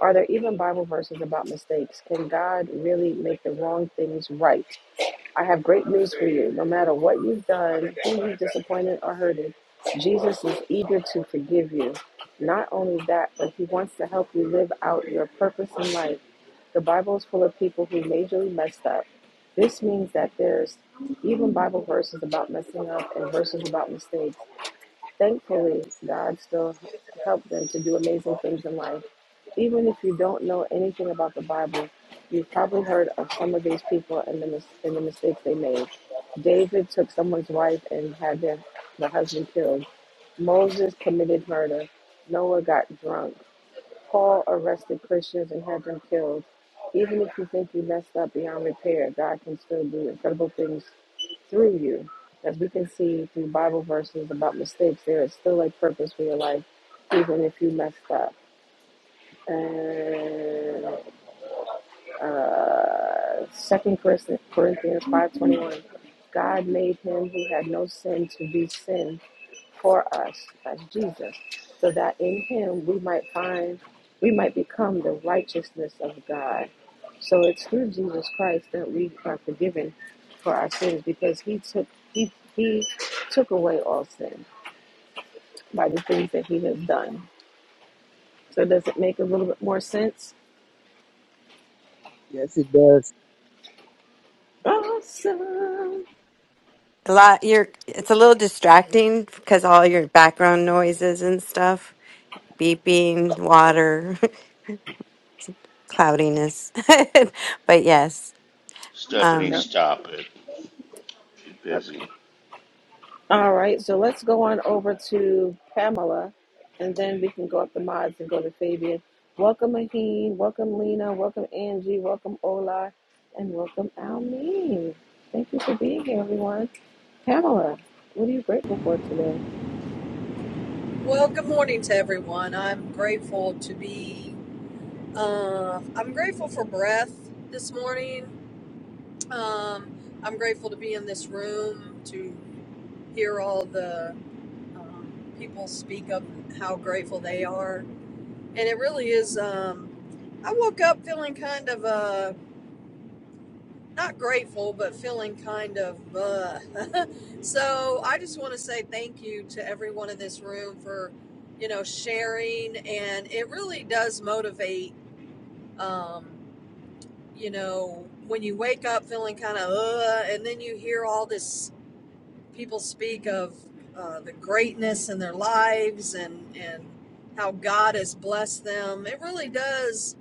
[SPEAKER 3] Are there even Bible verses about mistakes? Can God really make the wrong things right? I have great news for you. No matter what you've done, who you've disappointed or hurted, Jesus is eager to forgive you. Not only that, but he wants to help you live out your purpose in life. The Bible is full of people who majorly messed up. This means that there's even Bible verses about messing up and verses about mistakes. Thankfully, God still helped them to do amazing things in life even if you don't know anything about the Bible, you've probably heard of some of these people and the, mis- and the mistakes they made. David took someone's wife and had their, the husband killed. Moses committed murder. Noah got drunk. Paul arrested Christians and had them killed. Even if you think you messed up beyond repair, God can still do incredible things through you. As we can see through Bible verses about mistakes, there is still a purpose for your life, even if you messed up. And uh, Second Corinthians 5.21, God made him who had no sin to be sin for us, that's Jesus, so that in him we might find, we might become the righteousness of God. So it's through Jesus Christ that we are forgiven for our sins because he took, he, he took away all sin by the things that he has done. So does it make a little bit more sense?
[SPEAKER 2] Yes, it does.
[SPEAKER 3] Awesome.
[SPEAKER 1] A lot, you're, it's a little distracting because all your background noises and stuff, beeping, water, (laughs) cloudiness. (laughs) But yes.
[SPEAKER 5] Stephanie,
[SPEAKER 1] Um,
[SPEAKER 3] No?
[SPEAKER 5] stop it. She's
[SPEAKER 3] Okay.
[SPEAKER 5] busy.
[SPEAKER 3] All right, so let's go on over to Pamela, and then we can go up the mods and go to Fabian. Welcome, Maheen. Welcome, Lena. Welcome, Angie. Welcome, Ola. And welcome, Almeen. Thank you for being here, everyone. Pamela, what are you grateful for today?
[SPEAKER 7] Well, good morning to everyone. I'm grateful to be. Uh, I'm grateful for breath this morning. Um, I'm grateful to be in this room to hear all the um, people speak of how grateful they are, and it really is. Um, I woke up feeling kind of. uh, not grateful, but feeling kind of uh. (laughs) so I just want to say thank you to everyone in this room for, you know, sharing. And it really does motivate, um, you know, when you wake up feeling kind of uh, and then you hear all this people speak of uh, the greatness in their lives and, and how God has blessed them. It really does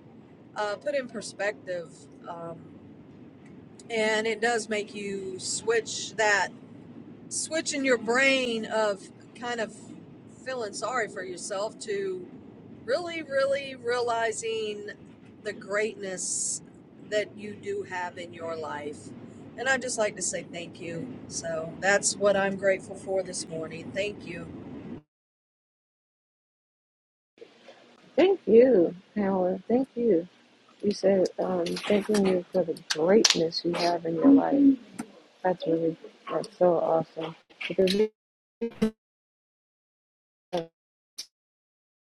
[SPEAKER 7] uh, put in perspective. Um, and it does make you switch that switch in your brain of kind of feeling sorry for yourself to really really realizing the greatness that you do have in your life and i'd just like to say thank you so that's what i'm grateful for this morning thank you
[SPEAKER 3] Thank you, Pamela. Thank you. You said um, thanking you for the greatness you have in your life. That's really, that's so awesome. Because we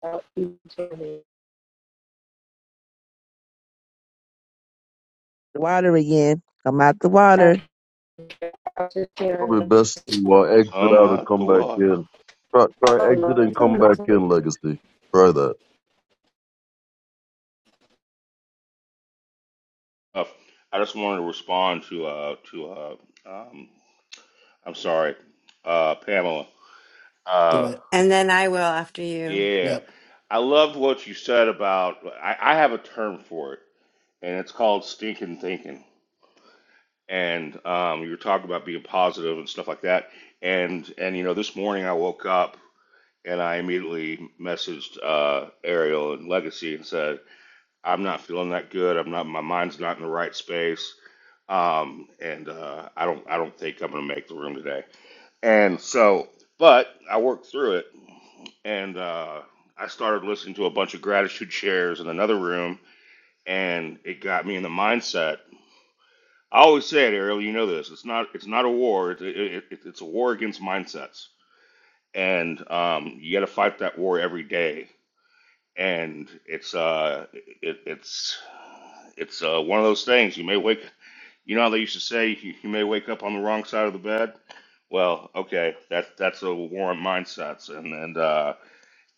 [SPEAKER 3] are each other.
[SPEAKER 2] The water again. I'm out the
[SPEAKER 3] I
[SPEAKER 2] water.
[SPEAKER 3] was just
[SPEAKER 8] Probably
[SPEAKER 3] sharing
[SPEAKER 8] best to uh, exit
[SPEAKER 5] Come
[SPEAKER 8] out and
[SPEAKER 5] out the
[SPEAKER 8] come back
[SPEAKER 5] water.
[SPEAKER 8] in. Try,
[SPEAKER 3] I
[SPEAKER 8] try exit and come
[SPEAKER 3] love
[SPEAKER 8] back in, Legacy. Try that.
[SPEAKER 5] Uh, I just wanted to respond to uh to uh um I'm sorry, uh Pamela.
[SPEAKER 9] Do
[SPEAKER 5] Uh
[SPEAKER 9] it.
[SPEAKER 1] and then I will after you.
[SPEAKER 5] yeah.
[SPEAKER 9] Yep.
[SPEAKER 5] I loved what you said about I, I have a term for it and it's called stinking thinking. and um, you were talking about being positive and stuff like that. And and you know, this morning I woke up and I immediately messaged uh, Ariel and Legacy and said, "I'm not feeling that good. I'm not. My mind's not in the right space. Um, and uh, I don't. I don't think I'm going to make the room today." And so, but I worked through it, and uh, I started listening to a bunch of gratitude shares in another room, and it got me in the mindset I always say it, Ariel. You know this. It's not. It's not a war. It's it, it, it's a war against mindsets, and um, you got to fight that war every day. And it's uh, it, it's it's uh, one of those things. You may wake. You know how they used to say you, you may wake up on the wrong side of the bed. Well, okay, that's that's a war on mindsets, and and uh,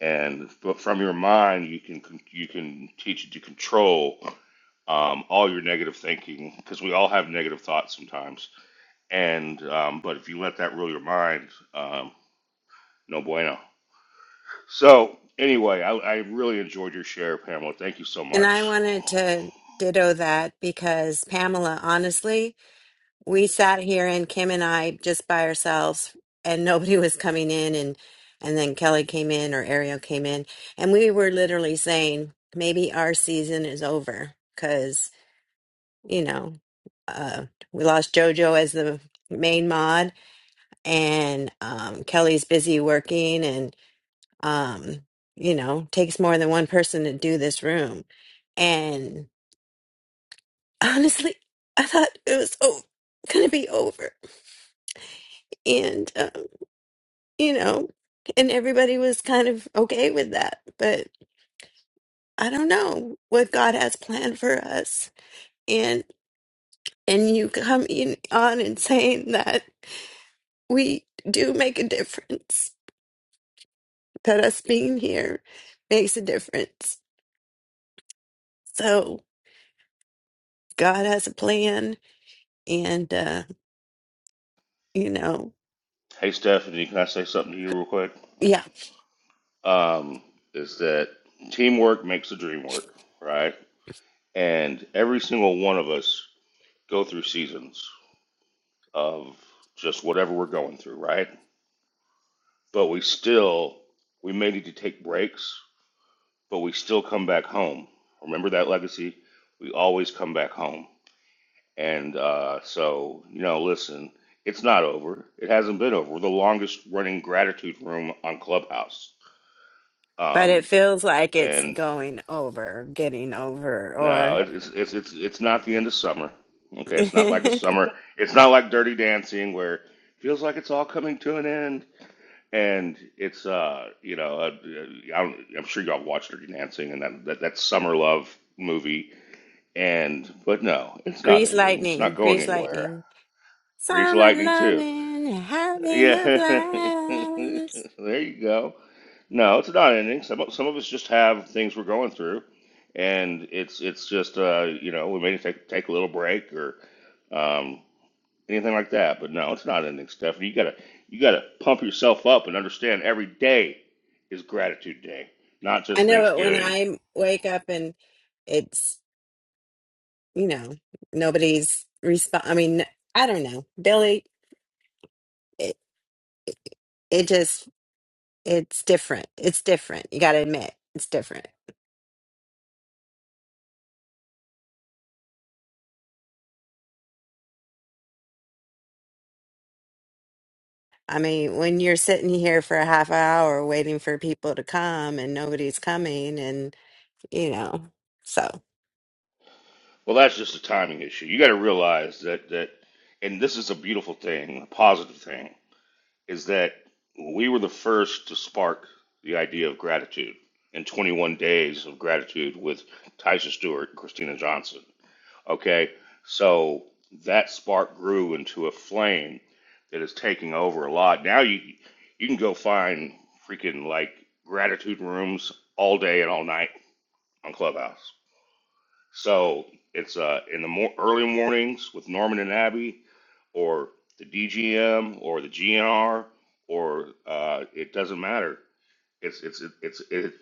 [SPEAKER 5] and f- from your mind you can con- you can teach it to control um, all your negative thinking because we all have negative thoughts sometimes and um, but if you let that rule your mind, um, no bueno. So anyway, I, I really enjoyed your share, Pamela. Thank you so
[SPEAKER 1] And
[SPEAKER 5] much.
[SPEAKER 1] I wanted to ditto that because Pamela, honestly, we sat here and Kim and I just by ourselves and nobody (laughs) was coming in and and then Kelly came in or Ariel came in and we were literally saying maybe our season is over you know, uh, we lost JoJo as the main mod, and um, Kelly's busy working, and um, you know, takes more than one person to do this room. And honestly, I thought it was oh, gonna be over, and um, you know, and everybody was kind of okay with that, but I don't know what God has planned for us, and and you come in on and saying that we do make a difference that us being here makes a difference. So God has a plan, and uh, you know,
[SPEAKER 5] Hey, Stephanie, can I say something to you real quick?
[SPEAKER 1] yeah.
[SPEAKER 5] Um, is that teamwork makes the dream work, right? And every single one of us go through seasons of just whatever we're going through, right? But we still, we may need to take breaks, but we still come back home. Remember that legacy? We always come back home. And uh, so, you know, listen, it's not over. It hasn't been over. We're the longest running gratitude room on Clubhouse.
[SPEAKER 1] But it
[SPEAKER 5] Um,
[SPEAKER 1] feels like it's
[SPEAKER 5] and
[SPEAKER 1] going over, getting over,
[SPEAKER 5] no,
[SPEAKER 1] or
[SPEAKER 5] it- it's it's it's it's not the end of summer. Okay, it's not like a
[SPEAKER 1] (laughs)
[SPEAKER 5] summer. It's not like Dirty Dancing where it feels like it's all coming to an end. And it's uh, you know, uh, uh, I'm, I'm sure y'all watched Dirty Dancing and that, that that summer love movie. And but no, it's not
[SPEAKER 1] grease
[SPEAKER 5] ending. It's not
[SPEAKER 1] lightning,
[SPEAKER 5] going
[SPEAKER 1] grease
[SPEAKER 5] anywhere.
[SPEAKER 1] lightning.
[SPEAKER 5] Grease
[SPEAKER 1] Summer
[SPEAKER 5] Lightning too.
[SPEAKER 1] loving, having
[SPEAKER 5] Yeah,
[SPEAKER 1] a
[SPEAKER 5] (laughs)
[SPEAKER 1] blast.
[SPEAKER 5] there you go. No, it's not ending. Some of- some of us just have things we're going through, and it's it's just uh, you know we may take take a little break or um, anything like that. But no, it's not ending, Stephanie. You gotta you gotta pump yourself up and understand every day is gratitude day, not
[SPEAKER 1] I
[SPEAKER 5] just
[SPEAKER 1] know it when
[SPEAKER 5] Thanksgiving.
[SPEAKER 1] I wake up and it's you know nobody's respond. I mean, I don't know, Billy. It, it just it's different. It's different. You got to admit, it's different. I mean, when you're sitting here for a half hour waiting for people to come and nobody's coming, and you know, so
[SPEAKER 5] Well, that's just a timing issue. You gotta realize that that, and this is a beautiful thing, a positive thing is that we were the first to spark the idea of gratitude in 21 days of gratitude with Tyson Stewart and Christina Johnson. Okay, so that spark grew into a flame that is taking over a lot. Now you you can go find freaking like gratitude rooms all day and all night on Clubhouse. So it's uh, in the mor early mornings with Norman and Abby, or the DGM, or the GNR, or uh, it doesn't matter. It's it's it's it,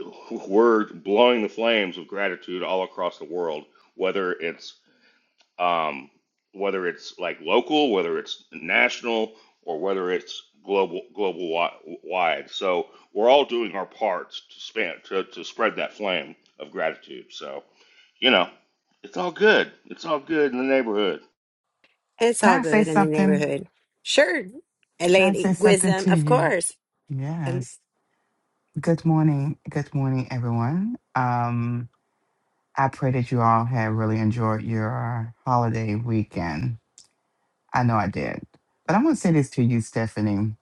[SPEAKER 5] we're blowing the flames of gratitude all across the world. Whether it's um, whether it's like local, whether it's national, or whether it's global global wi- wide. So we're all doing our parts to span to, to spread that flame of gratitude. So, you know, it's all good. It's all good in the neighborhood.
[SPEAKER 1] it's
[SPEAKER 10] May
[SPEAKER 1] all
[SPEAKER 10] I say
[SPEAKER 1] good in the
[SPEAKER 10] something?
[SPEAKER 1] neighborhood. Sure, a
[SPEAKER 10] May I say
[SPEAKER 1] lady
[SPEAKER 10] something
[SPEAKER 1] wisdom,
[SPEAKER 10] to
[SPEAKER 1] of
[SPEAKER 10] you?
[SPEAKER 1] course. And
[SPEAKER 10] Yes. Good morning. Good morning, everyone. Um, I pray that you all have really enjoyed your holiday weekend. I know I did. But I'm going to say this to you, Stephanie.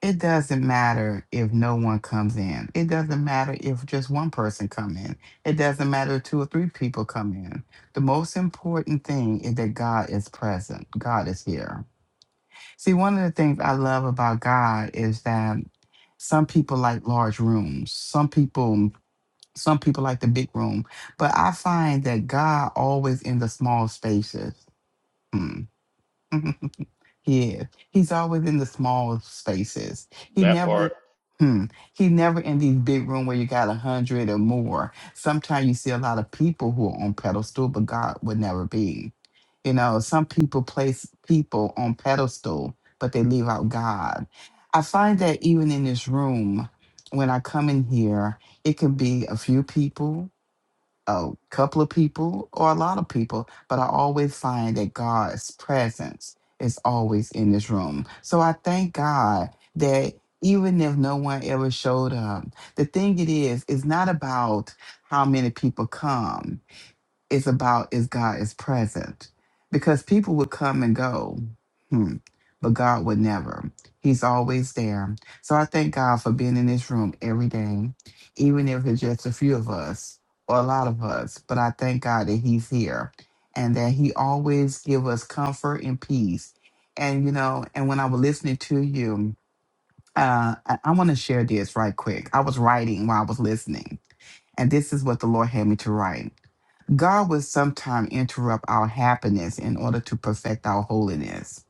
[SPEAKER 10] It doesn't matter if no one comes in. It doesn't matter if just one person come in. It doesn't matter if two or three people come in. The most important thing is that God is present. God is here. See, one of the things I love about God is that some people like large rooms. Some people some people like the big room, but I find that God always in the small spaces. Mm. (laughs) Yeah, he's always in the small spaces. He
[SPEAKER 5] That part.
[SPEAKER 10] never, hmm, he never in these big room where you got a hundred or more. Sometimes you see a lot of people who are on pedestal, but God would never be. You know, some people place people on pedestal, but they leave out God. I find that even in this room, when I come in here, it can be a few people a couple of people or a lot of people, but I always find that God's presence is always in this room. So I thank God that even if no one ever showed up, the thing it is, it's not about how many people come. It's about is God is present. Because people would come and go, hmm, but God would never. He's always there. So I thank God for being in this room every day, even if it's just a few of us or a lot of us. But I thank God that He's here and that He always give us comfort and peace. And you know, and when I was listening to you, uh, I, I want to share this right quick. I was writing while I was listening, and this is what the Lord had me to write. God will sometime interrupt our happiness in order to perfect our holiness.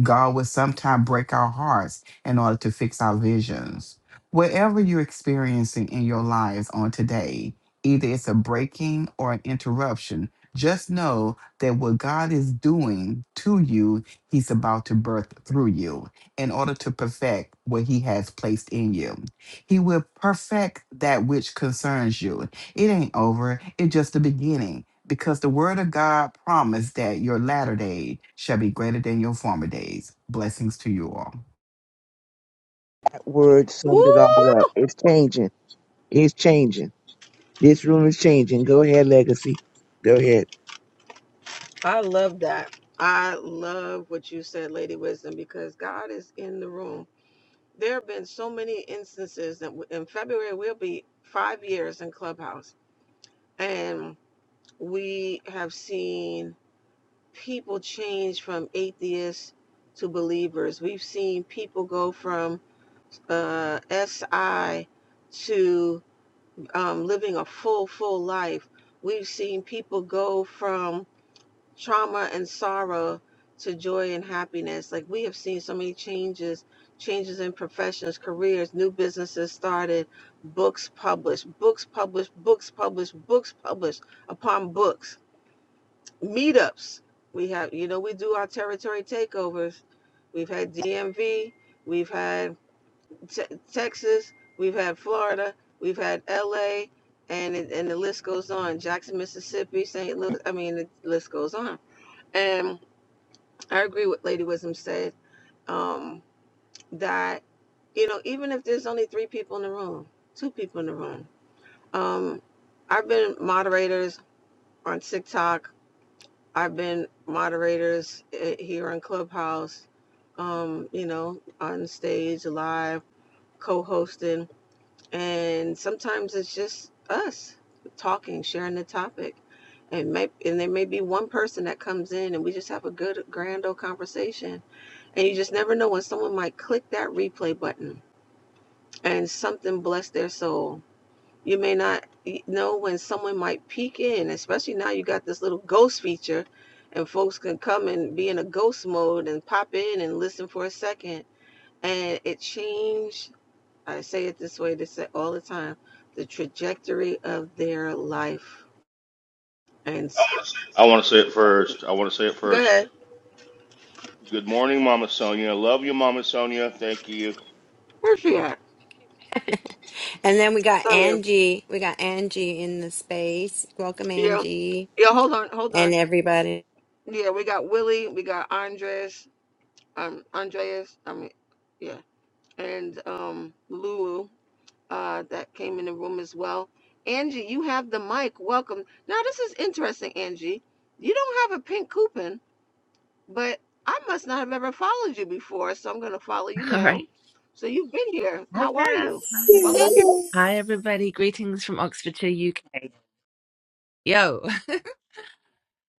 [SPEAKER 10] God will sometime break our hearts in order to fix our visions. Whatever you're experiencing in your lives on today, either it's a breaking or an interruption, just know that what God is doing to you, He's about to birth through you in order to perfect what He has placed in you. He will perfect that which concerns you. It ain't over, it's just the beginning because the word of God promised that your latter day shall be greater than your former days. Blessings to you all.
[SPEAKER 2] That word
[SPEAKER 3] Woo!
[SPEAKER 2] summed it all up. It's changing. It's changing. This room is changing. Go ahead, Legacy. Go ahead.
[SPEAKER 3] I love that. I love what you said, Lady Wisdom, because God is in the room. There have been so many instances that w- in February we'll be five years in Clubhouse, and we have seen people change from atheists to believers. We've seen people go from uh, SI to um, living a full, full life. We've seen people go from trauma and sorrow to joy and happiness. Like we have seen so many changes, changes in professions, careers, new businesses started, books published, books published, books published, books published upon books, meetups. We have, you know, we do our territory takeovers. We've had DMV, we've had te- Texas, we've had Florida, we've had LA, and it, and the list goes on. Jackson, Mississippi, St. Louis. I mean, the list goes on. And I agree with Lady Wisdom said um, that you know even if there's only three people in the room, two people in the room. Um, I've been moderators on TikTok. I've been moderators eh, here on Clubhouse. Um, you know, on stage, live, co-hosting, and sometimes it's just us talking, sharing the topic. And, may, and there may be one person that comes in and we just have a good grand old conversation and you just never know when someone might click that replay button and something bless their soul. You may not e, know when someone might peek in, especially now you got this little ghost feature and folks can come and be in a ghost mode and pop in and listen for a second. And it changed, I say it this way, they say all the time, the trajectory of their life. And s-
[SPEAKER 5] I want to say it first. I want to say it
[SPEAKER 3] go
[SPEAKER 5] first.
[SPEAKER 3] ahead.
[SPEAKER 5] Good morning, Mama Sonia. Love you, Mama Sonia. Thank you.
[SPEAKER 3] Where's she at?
[SPEAKER 1] and then we got
[SPEAKER 3] Oh, yeah.
[SPEAKER 1] Angie. We got Angie in the space. Welcome,
[SPEAKER 3] Yeah.
[SPEAKER 1] Angie,
[SPEAKER 3] Yeah. Hold on. Hold
[SPEAKER 1] and
[SPEAKER 3] on.
[SPEAKER 1] everybody.
[SPEAKER 3] Yeah. We got Willie. We got Andres. um, Andreas, I mean, yeah, and um, Lulu uh, that came in the room as well. Angie, you have the mic. Welcome. Now, this is interesting, Angie. You don't have a pink coupon, but I must not have ever followed you before, so I'm going to follow you
[SPEAKER 11] (laughs) All
[SPEAKER 3] now.
[SPEAKER 11] right.
[SPEAKER 3] So you've been here.
[SPEAKER 11] Hi,
[SPEAKER 3] How are
[SPEAKER 11] Kat.
[SPEAKER 3] you?
[SPEAKER 11] Hi.
[SPEAKER 3] Welcome.
[SPEAKER 11] Hi, everybody. Greetings from Oxfordshire, UK. Yo. (laughs)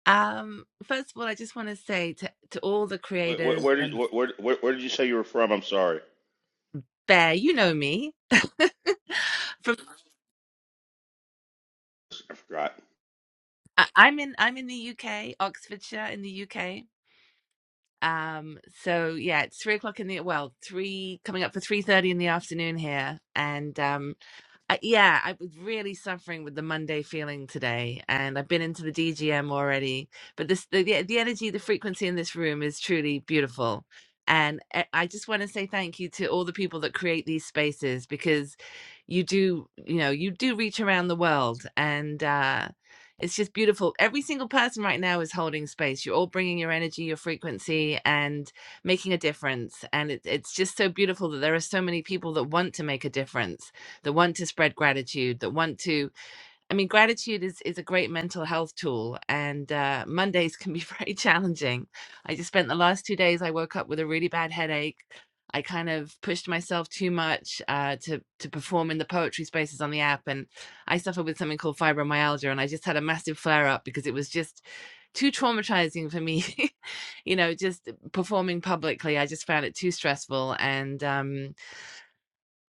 [SPEAKER 11] Um, first of all, I just want to say to, to all the
[SPEAKER 5] Where, where,
[SPEAKER 11] creators
[SPEAKER 5] where did
[SPEAKER 11] and
[SPEAKER 5] where, where where did you say you were from? I'm sorry.
[SPEAKER 11] Bear, you know me. (sighs) From
[SPEAKER 5] I forgot.
[SPEAKER 11] I- I'm in I'm in the UK, Oxfordshire in the UK. Um, so yeah, it's three o'clock in the well, three coming up for three thirty in the afternoon here. And um Uh, yeah, I was really suffering with the Monday feeling today, and I've been into the DGM already. But this, the the the energy, the frequency in this room is truly beautiful, and I I just want to say thank you to all the people that create these spaces because you do, you know, you do reach around the world, and uh, it's just beautiful. Every single person right now is holding space. You're all bringing your energy, your frequency, and making a difference. And it, it's just so beautiful that there are so many people that want to make a difference that want to spread gratitude, that want to. I mean, gratitude is is a great mental health tool, and uh, Mondays can be (laughs) very challenging. I just spent the last two days. I woke up with a really bad headache. I kind of pushed myself too much uh, to to perform in the poetry spaces on the app, and I suffer with something called fibromyalgia, and I just had a massive flare up because it was just too traumatizing for me (laughs) you know just performing publicly i just found it too stressful and um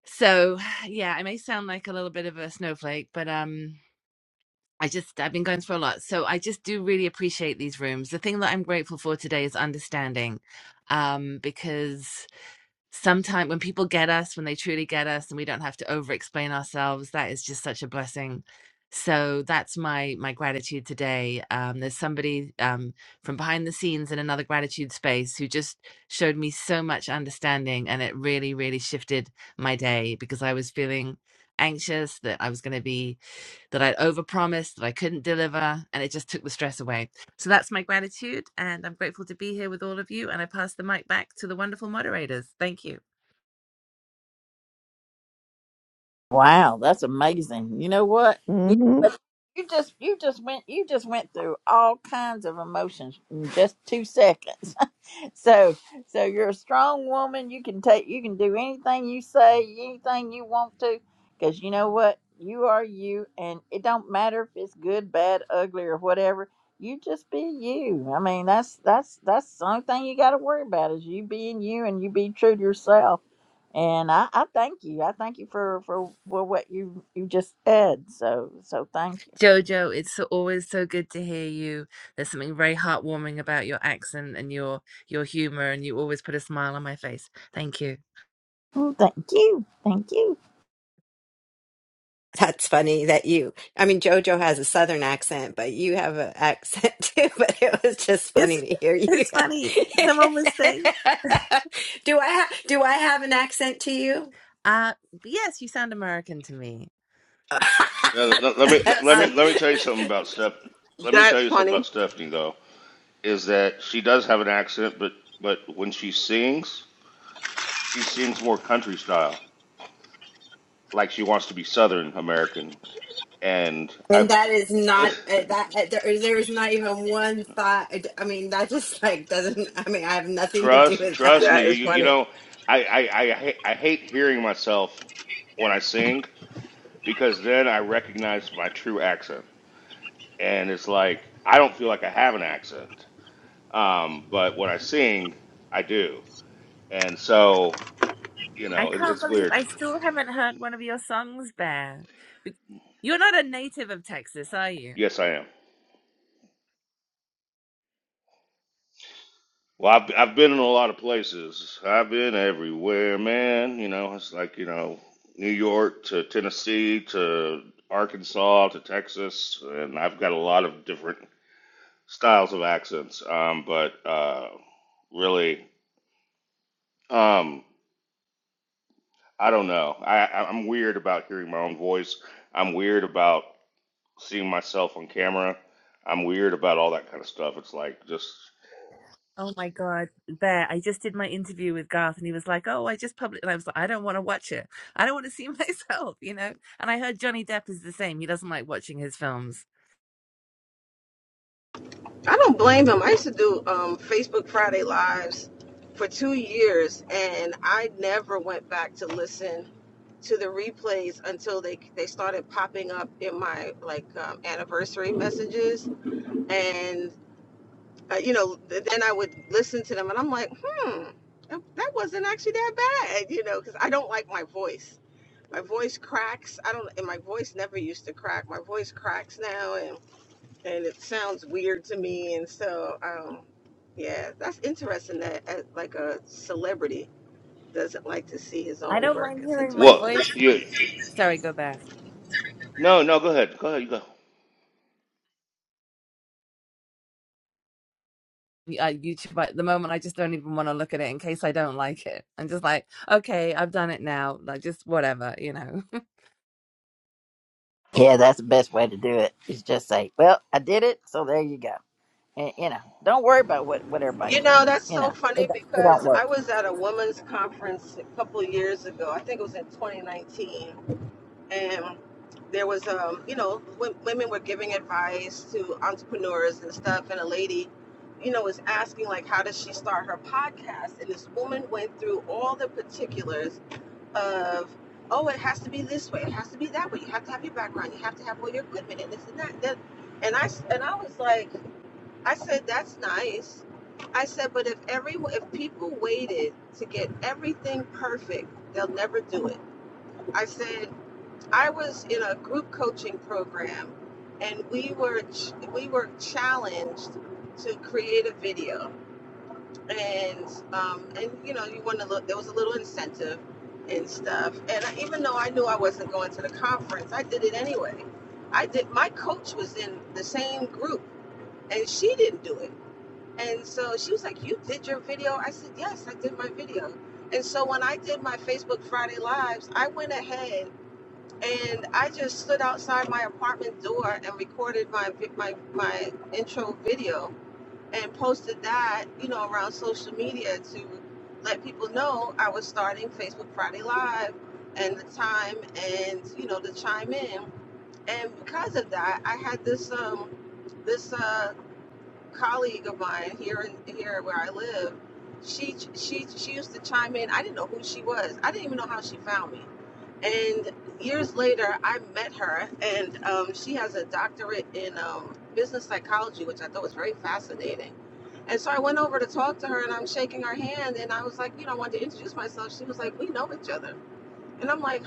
[SPEAKER 11] so (sighs) yeah, I may sound like a little bit of a snowflake, but um I just I've been going through a lot. So I just do really appreciate these rooms. The thing that I'm grateful for today is understanding. Um because sometimes when people get us, when they truly get us and we don't have to over explain ourselves, that is just such a blessing. So that's my my gratitude today. Um, there's somebody um, from behind the scenes in another gratitude space who just showed me so much understanding, and it really, really shifted my day because I was feeling anxious that I was going to be that I'd overpromised that I couldn't deliver, and it just took the stress away. So that's my gratitude, and I'm grateful to be here with all of you. And I pass the mic back to the wonderful moderators. Thank you.
[SPEAKER 6] Wow, that's amazing. You know what?
[SPEAKER 2] Mm-hmm.
[SPEAKER 6] You, but
[SPEAKER 2] Mama
[SPEAKER 6] you just you just went you just went through all kinds of emotions in just two seconds. So, so you're a strong woman. You can take, you can do anything you say, anything you want to, because you know what? You are you, and it don't matter if it's good, bad, ugly, or whatever. You just be you. I mean, that's that's that's the only thing you got to worry about is you being you and you be true to yourself. And I, I thank you. I thank you for for, for what you you just said. So so thank you.
[SPEAKER 11] Jojo, it's so, always so good to hear you. There's something very heartwarming about your accent and your your humor, and you always put a smile on my face. Thank you.
[SPEAKER 6] Oh, thank you. Thank you.
[SPEAKER 1] (laughs) That's funny that you, I mean, JoJo has a southern accent, but you have an accent (laughs) too, but it was just
[SPEAKER 11] It's
[SPEAKER 1] funny to hear you. (laughs)
[SPEAKER 11] it's funny. Someone was saying,
[SPEAKER 1] do I ha- do I have an accent to you?
[SPEAKER 11] uh, yes, you sound American to me.
[SPEAKER 1] (laughs)
[SPEAKER 5] Now, Let let me
[SPEAKER 11] (laughs)
[SPEAKER 1] That's
[SPEAKER 5] let
[SPEAKER 11] Are
[SPEAKER 1] so,
[SPEAKER 5] me let me
[SPEAKER 11] you?
[SPEAKER 5] tell you something about Steph. Let me tell
[SPEAKER 3] That's
[SPEAKER 5] you something about
[SPEAKER 3] funny.
[SPEAKER 5] Stephanie though. Is that she does have an accent, but but when she sings, she sings more country style, like she wants to be Southern American. And
[SPEAKER 1] and
[SPEAKER 5] I
[SPEAKER 1] that is
[SPEAKER 5] (laughs)
[SPEAKER 1] not uh, that uh, there, there is not even one thought. I d- I mean, that just like doesn't. I mean, I have nothing to do
[SPEAKER 5] trust
[SPEAKER 1] with that.
[SPEAKER 5] trust me,
[SPEAKER 3] That
[SPEAKER 5] you
[SPEAKER 3] is
[SPEAKER 5] you you
[SPEAKER 3] funny.
[SPEAKER 5] know, I I I, ha- I hate hearing myself when I sing because then I recognize my true accent, and it's like I don't feel like I have an accent. Um, but when I sing, I do. And so, you
[SPEAKER 11] I
[SPEAKER 5] know, it,
[SPEAKER 11] can't
[SPEAKER 5] it's
[SPEAKER 11] believe
[SPEAKER 5] weird.
[SPEAKER 11] I still haven't heard one of your songs, Bear. Be- You're not a native of Texas, are you?
[SPEAKER 5] Yes, I am. Well, I've, I've been in a lot of places. I've been everywhere, man. You know, it's like, you know, New York to Tennessee to Arkansas to Texas. And I've got a lot of different styles of accents. Um, but uh, really, um, I don't know. I, I- I'm weird about hearing my own voice. I'm weird about seeing myself on camera. I'm weird about all that kind of stuff. It's like just
[SPEAKER 11] Oh my God, Bear! I just did my interview with Garth, and he was like, "Oh, I just published," and I was like, "I don't want to watch it. I don't want to see (laughs) myself," you know. And I heard Johnny Depp is the same. He doesn't like watching his films.
[SPEAKER 3] I don't blame him. I used to do um, Facebook Friday Lives for two years, and I never went back to listen to the replays until they they started popping up in my like um, anniversary messages, and uh, you know th- then I would listen to them, and I'm like, hmm, that that wasn't actually that bad, you know, because I don't like my voice. My voice cracks. I don't, and my voice never used to crack. My voice cracks now, and and it sounds weird to me. And so, um, yeah, that's interesting that uh, like a celebrity doesn't like to see his
[SPEAKER 11] I
[SPEAKER 3] own
[SPEAKER 11] don't
[SPEAKER 3] work.
[SPEAKER 11] mind
[SPEAKER 3] It's
[SPEAKER 11] hearing my
[SPEAKER 3] interesting.
[SPEAKER 5] Well,
[SPEAKER 11] voice.
[SPEAKER 5] you
[SPEAKER 11] Sorry, go Bear.
[SPEAKER 5] no, no. Go ahead. Go ahead. You go.
[SPEAKER 11] Yeah, YouTube. At the moment, I just don't even want to look at it in case I don't like it. I'm just like, okay, I've done it now. Like, just whatever, you know.
[SPEAKER 6] Yeah, that's the best way to do it. Is just say, "Well, I did it, so there you go." And, you know, don't worry about what what everybody
[SPEAKER 3] You know,
[SPEAKER 6] thinks.
[SPEAKER 3] that's
[SPEAKER 6] You
[SPEAKER 3] so
[SPEAKER 6] know, it,
[SPEAKER 3] funny
[SPEAKER 6] don't- it don't
[SPEAKER 3] because I
[SPEAKER 6] work.
[SPEAKER 3] was at a women's conference a couple of years ago. I think it was in 2019, and there was um, you know, w- women were giving advice to entrepreneurs and stuff, and a lady. You know, was asking like, how does she start her podcast? And this woman went through all the particulars of oh it has to be this way it has to be that way you have to have your background you have to have all your equipment and this and that then and I and i was like i said that's nice i said but if every if people waited to get everything perfect they'll never do it i said i was in a group coaching program and we were ch- we were challenged to create a video and um, and you know you want to look there was a little incentive and stuff and I, even though i knew i wasn't going to the conference i did it anyway i did my coach was in the same group and she didn't do it and so she was like you did your video i said yes i did my video and so when i did my facebook friday lives i went ahead and i just stood outside my apartment door and recorded my my my intro video and posted that, you know, around social media to let people know I was starting Facebook Friday Live and the time and you know to chime in. And because of that, I had this um this uh colleague of mine here in here where I live, she she she used to chime in. I didn't know who she was. I didn't even know how she found me. And years later, I met her, and um, she has a doctorate in um, business psychology, which I thought was very fascinating. And so I went over to talk to her, and I'm shaking her hand, and I was like, you know, I wanted to introduce myself. She was like, we know each other, and I'm like,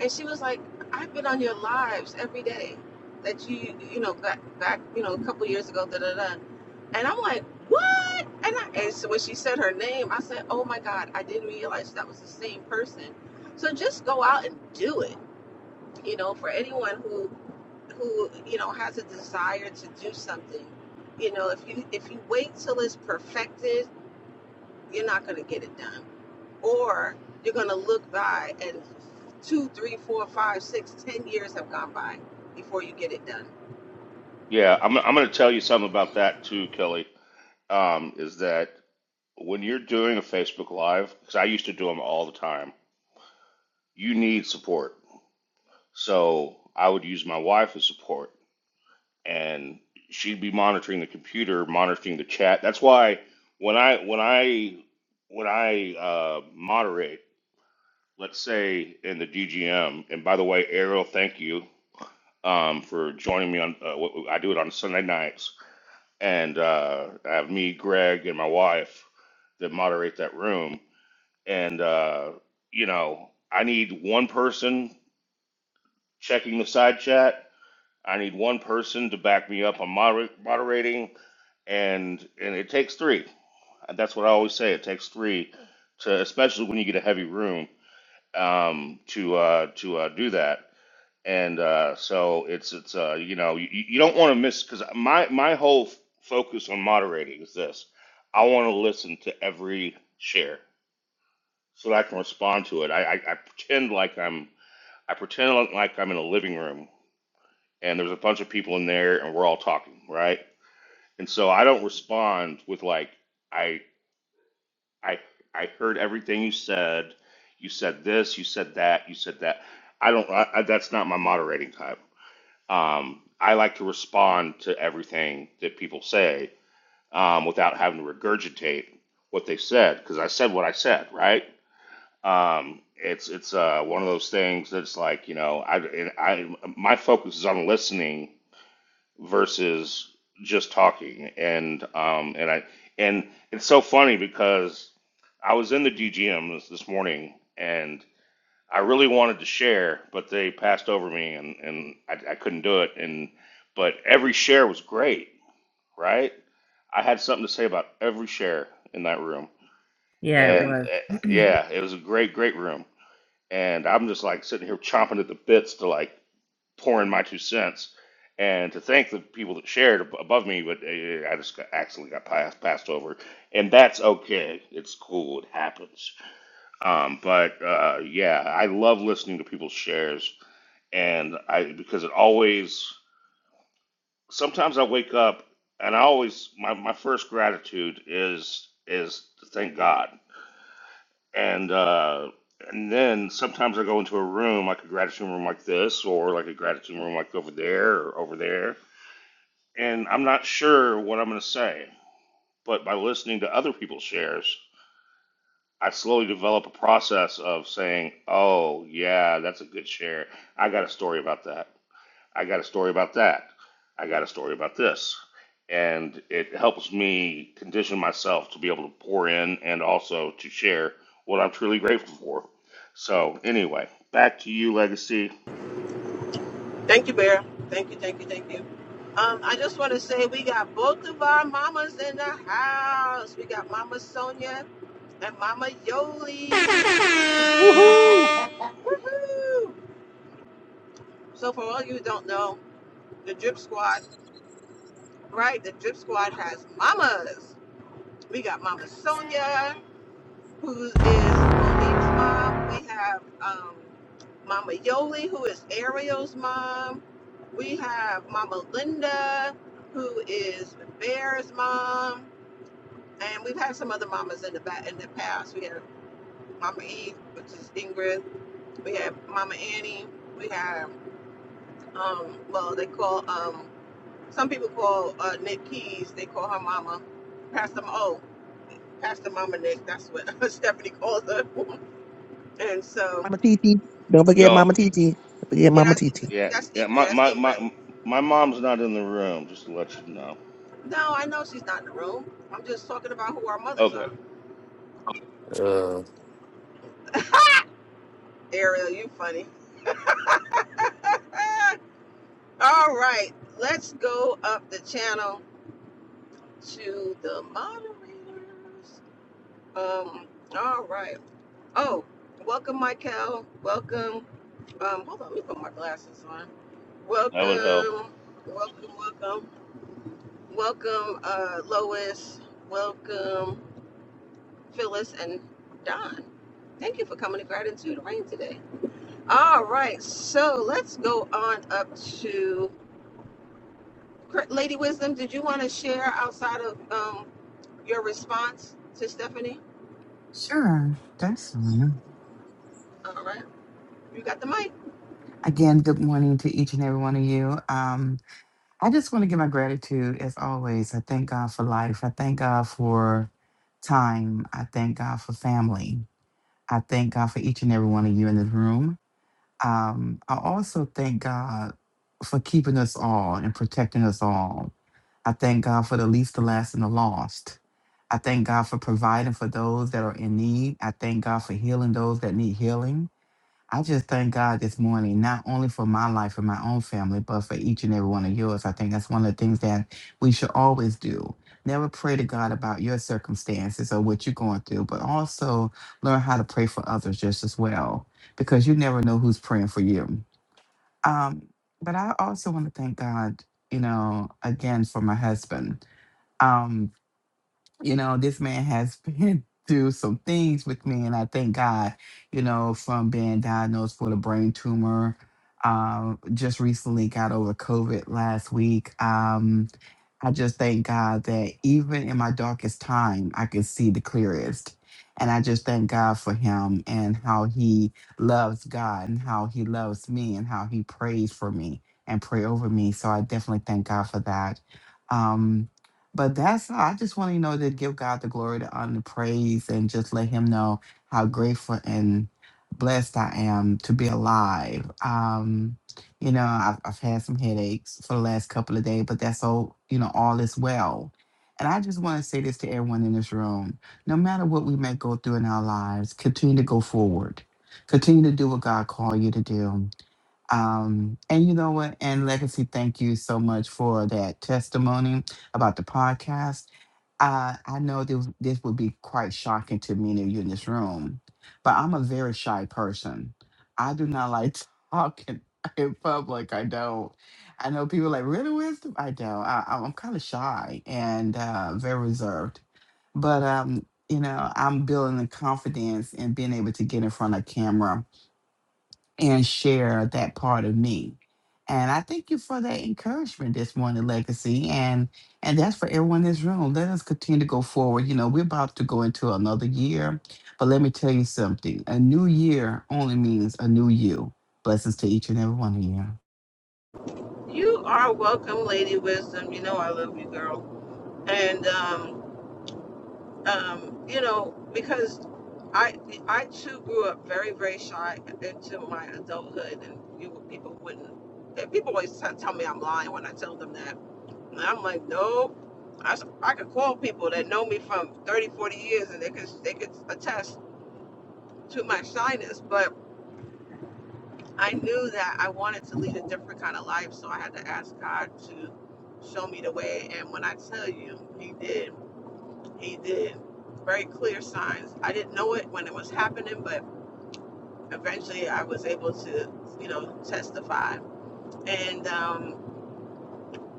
[SPEAKER 3] and she was like, I've been on your lives every day that you, you know, back, back you know, a couple years ago, da da da. And I'm like, what? And, I, and so when she said her name, I said, oh my God, I didn't realize that was the same person. So just go out and do it. You know, for anyone who, who, you know, has a desire to do something, you know, if you, if you wait till it's perfected, you're not going to get it done or you're going to look by and two, three, four, five, six, ten years have gone by before you get it done.
[SPEAKER 5] Yeah, I'm. I'm going to tell you something about that too, Kelly. Um, is that when you're doing a Facebook Live? Because I used to do them all the time. You need support, so I would use my wife as support, and she'd be monitoring the computer, monitoring the chat. That's why when I when I when I uh, moderate, let's say in the DGM, and by the way, Ariel, thank you. um, for joining me on. Uh, what- I do it on Sunday nights, and uh, I have me, Greg, and my wife that moderate that room. And uh, you know, I need one person checking the side chat. I need one person to back me up on moder- moderating, and and it takes three. That's what I always say. It takes three to, especially when you get a heavy room, um, to uh, to uh, do that. and uh, so it's it's uh, you know you, you don't want to miss because my my whole f- focus on moderating is this: I want to listen to every share so that I can respond to it. I, I, I pretend like I'm I pretend like like I'm in a living room and there's a bunch of people in there and we're all talking, right? And so I don't respond with like I I I heard everything you said. You said this. You said that. You said that. I don't. I, I, that's not my moderating type. Um, I like to respond to everything that people say um, without having to regurgitate what they said because I said what I said, right? Um, it's it's uh, one of those things that's like you know I, I my focus is on listening versus just talking and um, and I and it's so funny because I was in the DGM this, this morning and I really wanted to share, but they passed over me and, and I, I couldn't do it. And but every share was great, right? I had something to say about every share in that room.
[SPEAKER 11] (laughs)
[SPEAKER 5] And
[SPEAKER 11] Yeah.
[SPEAKER 5] eh, yeah, it was a great, great room. And I'm just like sitting here chomping at the bits to like pour in my two cents and to thank the people that shared ab- above me. But eh, eh, I just got, accidentally got passed, passed over. And that's okay. It's cool. It happens. Um, but uh, yeah, I love listening to people's shares and I because it always sometimes I wake up and I always my, my first gratitude is is to thank God and uh, and then sometimes I go into a room like a gratitude room like this or like a gratitude room like over there or over there and I'm not sure what I'm going to say but by listening to other people's shares I slowly develop a process of saying oh yeah that's a good share I got a story about that I got a story about that. I got a story about this. And it helps me condition myself to be able to pour in and also to share what I'm truly grateful for. So, anyway, back to you, Legacy.
[SPEAKER 3] Thank you, Bear. Thank you, thank you, thank you. Um, I just want to say we got both of our mamas in the house. We got Mama Sonia and Mama Yoli.
[SPEAKER 5] Woohoo!
[SPEAKER 3] Woohoo! So for all you who don't know, the Drip Squad, right? The Drip Squad has mamas. We got Mama Sonia who is Monique's mom. We have um, Mama Yoli, who is Ariel's mom. We have Mama Linda, who is Bear's mom. And we've had some other mamas in the back in the past. We had Mama E, which is Ingrid. We had Mama Annie. We had um, well, they call um, some people call uh, Nick Keys. They call her Mama Pastor. M- Oh, Pastor Mama Nick. That's what (laughs) Stephanie calls her. (laughs) And so
[SPEAKER 2] Titi. Don't forget
[SPEAKER 5] Yo,
[SPEAKER 2] Mama Titi. Don't forget
[SPEAKER 3] Yeah,
[SPEAKER 2] Mama
[SPEAKER 3] that's
[SPEAKER 2] Titi
[SPEAKER 5] yeah,
[SPEAKER 3] that's E,
[SPEAKER 5] yeah.
[SPEAKER 3] yeah,
[SPEAKER 5] My,
[SPEAKER 3] that's
[SPEAKER 5] my,
[SPEAKER 3] Ingrid.
[SPEAKER 5] my, my mom's not in the room, just to let you know.
[SPEAKER 3] No, I know she's not in the room. I'm just talking about who our mothers
[SPEAKER 5] Okay,
[SPEAKER 3] are.
[SPEAKER 9] Uh,
[SPEAKER 3] Ariel, you funny. Ah, all right, let's go up the channel to the moderators. Um, all right. Oh, welcome, Michael. Welcome. Um, hold on, let me put my glasses on.
[SPEAKER 5] that would help.
[SPEAKER 3] Welcome, welcome, welcome, welcome, uh, Lois. Welcome, Phyllis and Don. Thank you for coming to Gratitude Rain today. All right, so let's go on up to Cr- Lady Wisdom. Did you want to share outside of um, your response to Stephanie?
[SPEAKER 10] Sure, that's fine.
[SPEAKER 3] All right, you got the mic.
[SPEAKER 10] Again, good morning to each and every one of you. Um, I just want to give my gratitude as always. I thank God for life. I thank God for time. I thank God for family. I thank God for each and every one of you in this room. Um, I also thank God for keeping us all and protecting us all. I thank God for the least, the last, and the lost. I thank God for providing for those that are in need. I thank God for healing those that need healing. I just thank God this morning, not only for my life and my own family, but for each and every one of yours. I think that's one of the things that we should always do. Never pray to God about your circumstances or what you're going through, but also learn how to pray for others just as well, because you never know who's praying for you. Um, but I also want to thank God, you know, again for my husband. Um, you know, this man has (laughs) been through some things with me, and I thank God, you know, from being diagnosed with a brain tumor. Um, just recently got over COVID last week. Um, I just thank God that even in my darkest time, I can see the clearest. And I just thank God for him and how he loves God and how he loves me and how he prays for me and pray over me. So I definitely thank God for that. Um, but that's all. I just want to know to give God the glory, the honor, the praise, and just let him know how grateful and blessed I am to be alive. Um, you know, I've, I've had some headaches for the last couple of days, but that's all, you know, all is well. And I just want to say this to everyone in this room no matter what we may go through in our lives, continue to go forward, continue to do what God called you to do um, and you know what? And Legacy, thank you so much for that testimony about the podcast. Uh, I know this, this would be quite shocking to many of you in this room, but I'm a very shy person. I do not like talking (laughs) in public. I don't. I know people are like, really, wisdom? I don't. I, I'm kind of shy and uh, very reserved. But, um, you know, I'm building the confidence and being able to get in front of camera and share that part of me. And I thank you for that encouragement this morning, Legacy. And and that's for everyone in this room. Let us continue to go forward. You know, we're about to go into another year. But let me tell you something. A new year only means a new you. Blessings to each and every one of you.
[SPEAKER 3] You are welcome, Lady Wisdom. You know I love you, girl. And um, um, you know because I I too grew up very very shy into my adulthood, and you people wouldn't. People always t- tell me I'm lying when I tell them that And I'm like, nope. I I could call people that know me from 30, 40 years and they could, they could attest to my shyness. But I knew that I wanted to lead a different kind of life. So I had to ask God to show me the way. And when I tell you, He did. He did. Very clear signs. I didn't know it when it was happening, but eventually I was able to, you know, testify. And, um,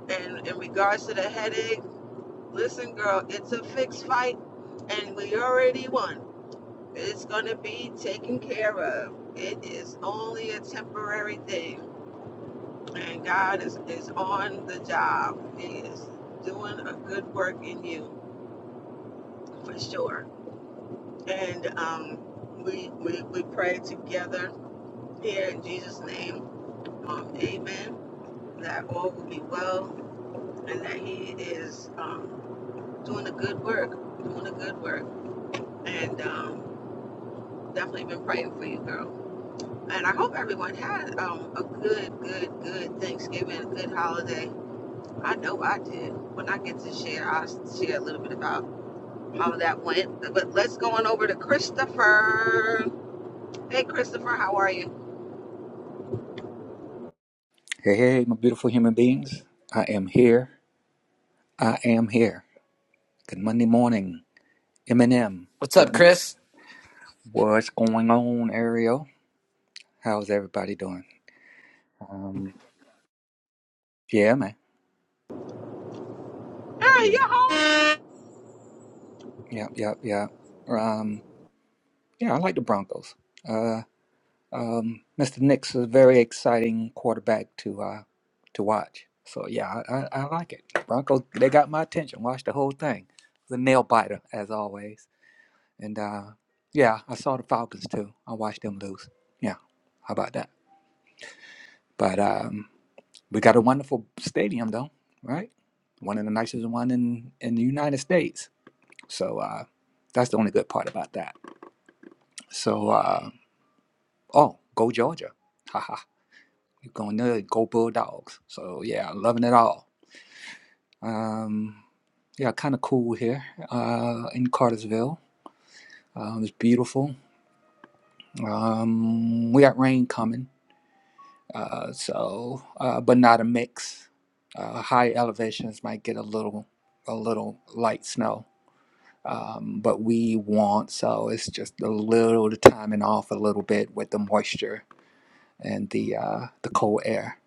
[SPEAKER 3] and in regards to the headache, Listen, girl, it's a fixed fight, and we already won. It's gonna be taken care of. It is only a temporary thing, and God is, is on the job. He is doing a good work in you for sure. And um, we, we we pray together here in Jesus' name, um, Amen. That all will be well, and that He is um, doing a good work, doing a good work, and. Um, definitely been praying for you, girl. And I hope everyone had um, a good, good, good Thanksgiving, a good holiday. I know I did. When I get to share, I'll share a little bit about how that went. But let's go on over to Christopher. Hey, Christopher, how are you?
[SPEAKER 12] Hey, hey, my beautiful human beings. I am here. I am here. Good Monday morning, Eminem.
[SPEAKER 9] what's up,
[SPEAKER 12] Good morning.
[SPEAKER 9] Chris?
[SPEAKER 12] What's going on, Ariel? How's everybody doing? Um, yeah, man.
[SPEAKER 3] Hey,
[SPEAKER 12] Yeah,
[SPEAKER 3] you home?
[SPEAKER 12] yeah, yeah, yeah. Um, yeah, I like the Broncos. Uh, um, Mr. Nick's a very exciting quarterback to uh, to watch. So yeah, I, I, I like it. Broncos, they got my attention. Watch the whole thing. The nail biter, as always. And uh, yeah, I saw the Falcons too. I watched them lose. Yeah, how about that? But um, we got a wonderful stadium though, right? One of the nicest one in in the United States. So uh, that's the only good part about that. So uh, oh, go Georgia! Haha, you're going there. Go Bulldogs! So yeah, loving it all. Um, yeah, kind of cool here uh, in Cartersville. Um, it's beautiful. Um, we got rain coming Uh, so, uh, but not a mix. Uh, high elevations might get a little, a little light snow, um, but we want so it's just a little the timing off a little bit with the moisture and the uh, the cold air.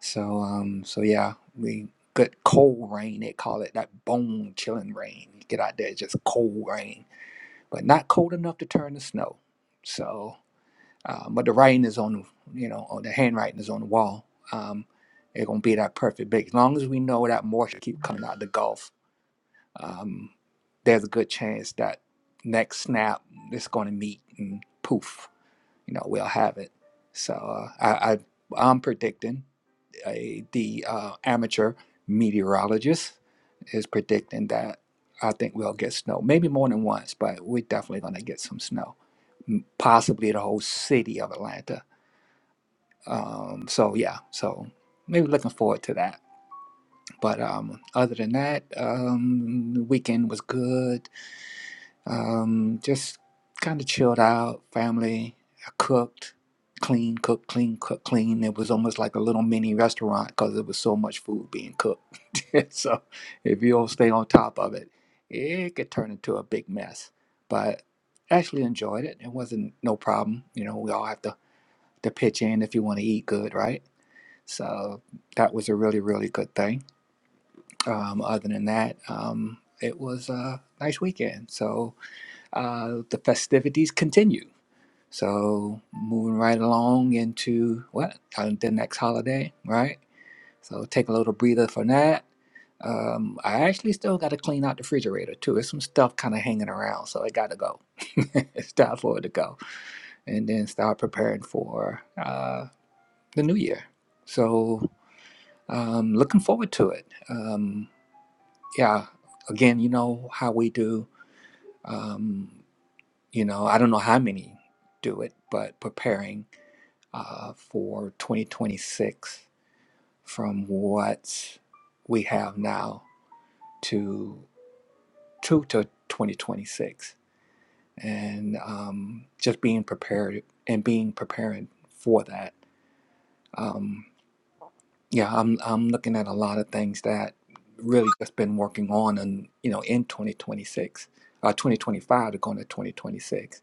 [SPEAKER 12] So, um, so yeah, we good cold rain. They call it that bone chilling rain. You get out there, it's just cold rain, but not cold enough to turn to snow. So. Uh, but the writing is on, you know, or the handwriting is on the wall. Um, it's gonna be that perfect big. As long as we know that moisture keep coming out of the Gulf, um, there's a good chance that next snap it's gonna meet and poof, you know, we'll have it. So uh, I, I I'm predicting a, the uh, amateur meteorologist is predicting that I think we'll get snow, maybe more than once, but we're definitely gonna get some snow, M- possibly the whole city of Atlanta um, so yeah, so maybe looking forward to that. But um, other than that, um, the weekend was good. Um, just kind of chilled out, family. I cooked, clean, cooked, clean, cooked, clean. It was almost like a little mini restaurant because there was so much food being cooked. (laughs) so if you don't stay on top of it, it could turn into a big mess. But actually enjoyed it. It wasn't no problem. You know, we all have to, to pitch in if you want to eat good, right? So that was a really, really good thing. Um, other than that, um, it was a nice weekend. So uh, the festivities continue. So moving right along into what? Uh, The next holiday, right? So take a little breather for that. Um, I actually still got to clean out the refrigerator too. There's some stuff kind of hanging around, so it got to go. (laughs) it's time for it to go, and then start preparing for uh, the new year. So Um, looking forward to it. Um, yeah, again, you know how we do. Um, you know, I don't know how many do it, but preparing uh, for 2026 from what we have now to to to 2026, and um, just being prepared and being preparing for that. Um, Yeah, I'm I'm looking at a lot of things that really just been working on and you know in 2026, uh, 2025 to go into 2026,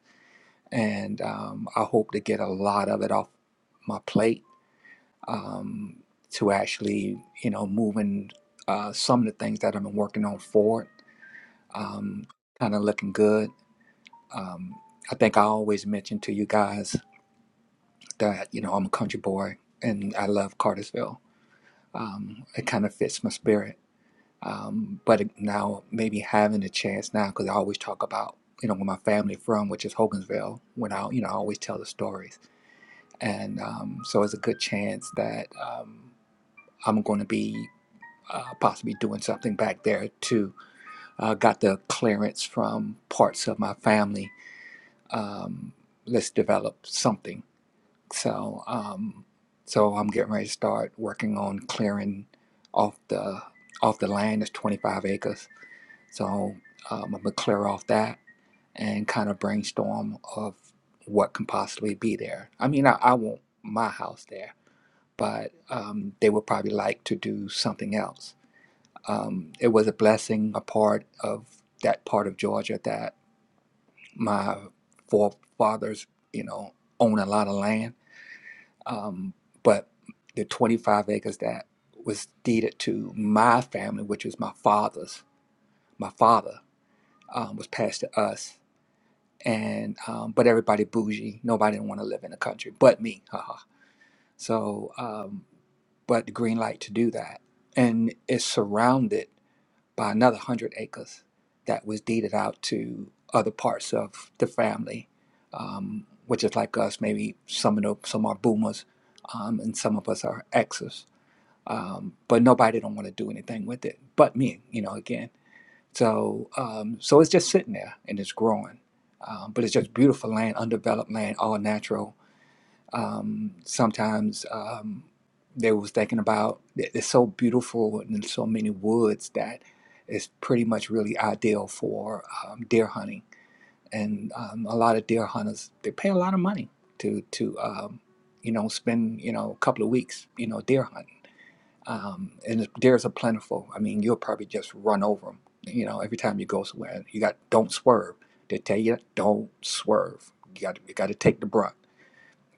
[SPEAKER 12] and um, I hope to get a lot of it off my plate um, to actually you know moving uh, some of the things that I've been working on forward, um, kind of looking good. Um, I think I always mention to you guys that you know I'm a country boy and I love Cartersville. Um, it kind of fits my spirit um, but now maybe having a chance now because I always talk about you know where my family from, which is Hogansville. When I you know I always tell the stories, and um, so it's a good chance that um, I'm going to be uh, possibly doing something back there too. Uh, got the clearance from parts of my family. Um, let's develop something. So um, so I'm getting ready to start working on clearing off the off the land. It's 25 acres So um, I'm gonna clear off that and kind of brainstorm of what can possibly be there. I mean, I, I want my house there, but um, they would probably like to do something else. Um, it was a blessing, a part of that part of Georgia that my forefathers, you know, own a lot of land. Um, but the 25 acres that was deeded to my family, which was my father's, my father um, was passed to us and um, but everybody bougie. Nobody didn't want to live in the country, but me. Haha. So, um, but the green light to do that, and it's surrounded by another hundred acres that was deeded out to other parts of the family, um, which is like us. Maybe some of the, some are boomers, um, and some of us are exes. Um, but nobody don't want to do anything with it, but me. You know, again. So, um, so it's just sitting there and it's growing. Um, but it's just beautiful land, undeveloped land, all natural. Um, sometimes um, they was thinking about it- it's so beautiful and there's so many woods that it's pretty much really ideal for um, deer hunting. And um, a lot of deer hunters they pay a lot of money to to um, you know spend you know a couple of weeks you know deer hunting um, and it- there's a plentiful. I mean, you'll probably just run over them. You know, every time you go somewhere, you got don't swerve. They tell you don't swerve. You got you got to take the brunt.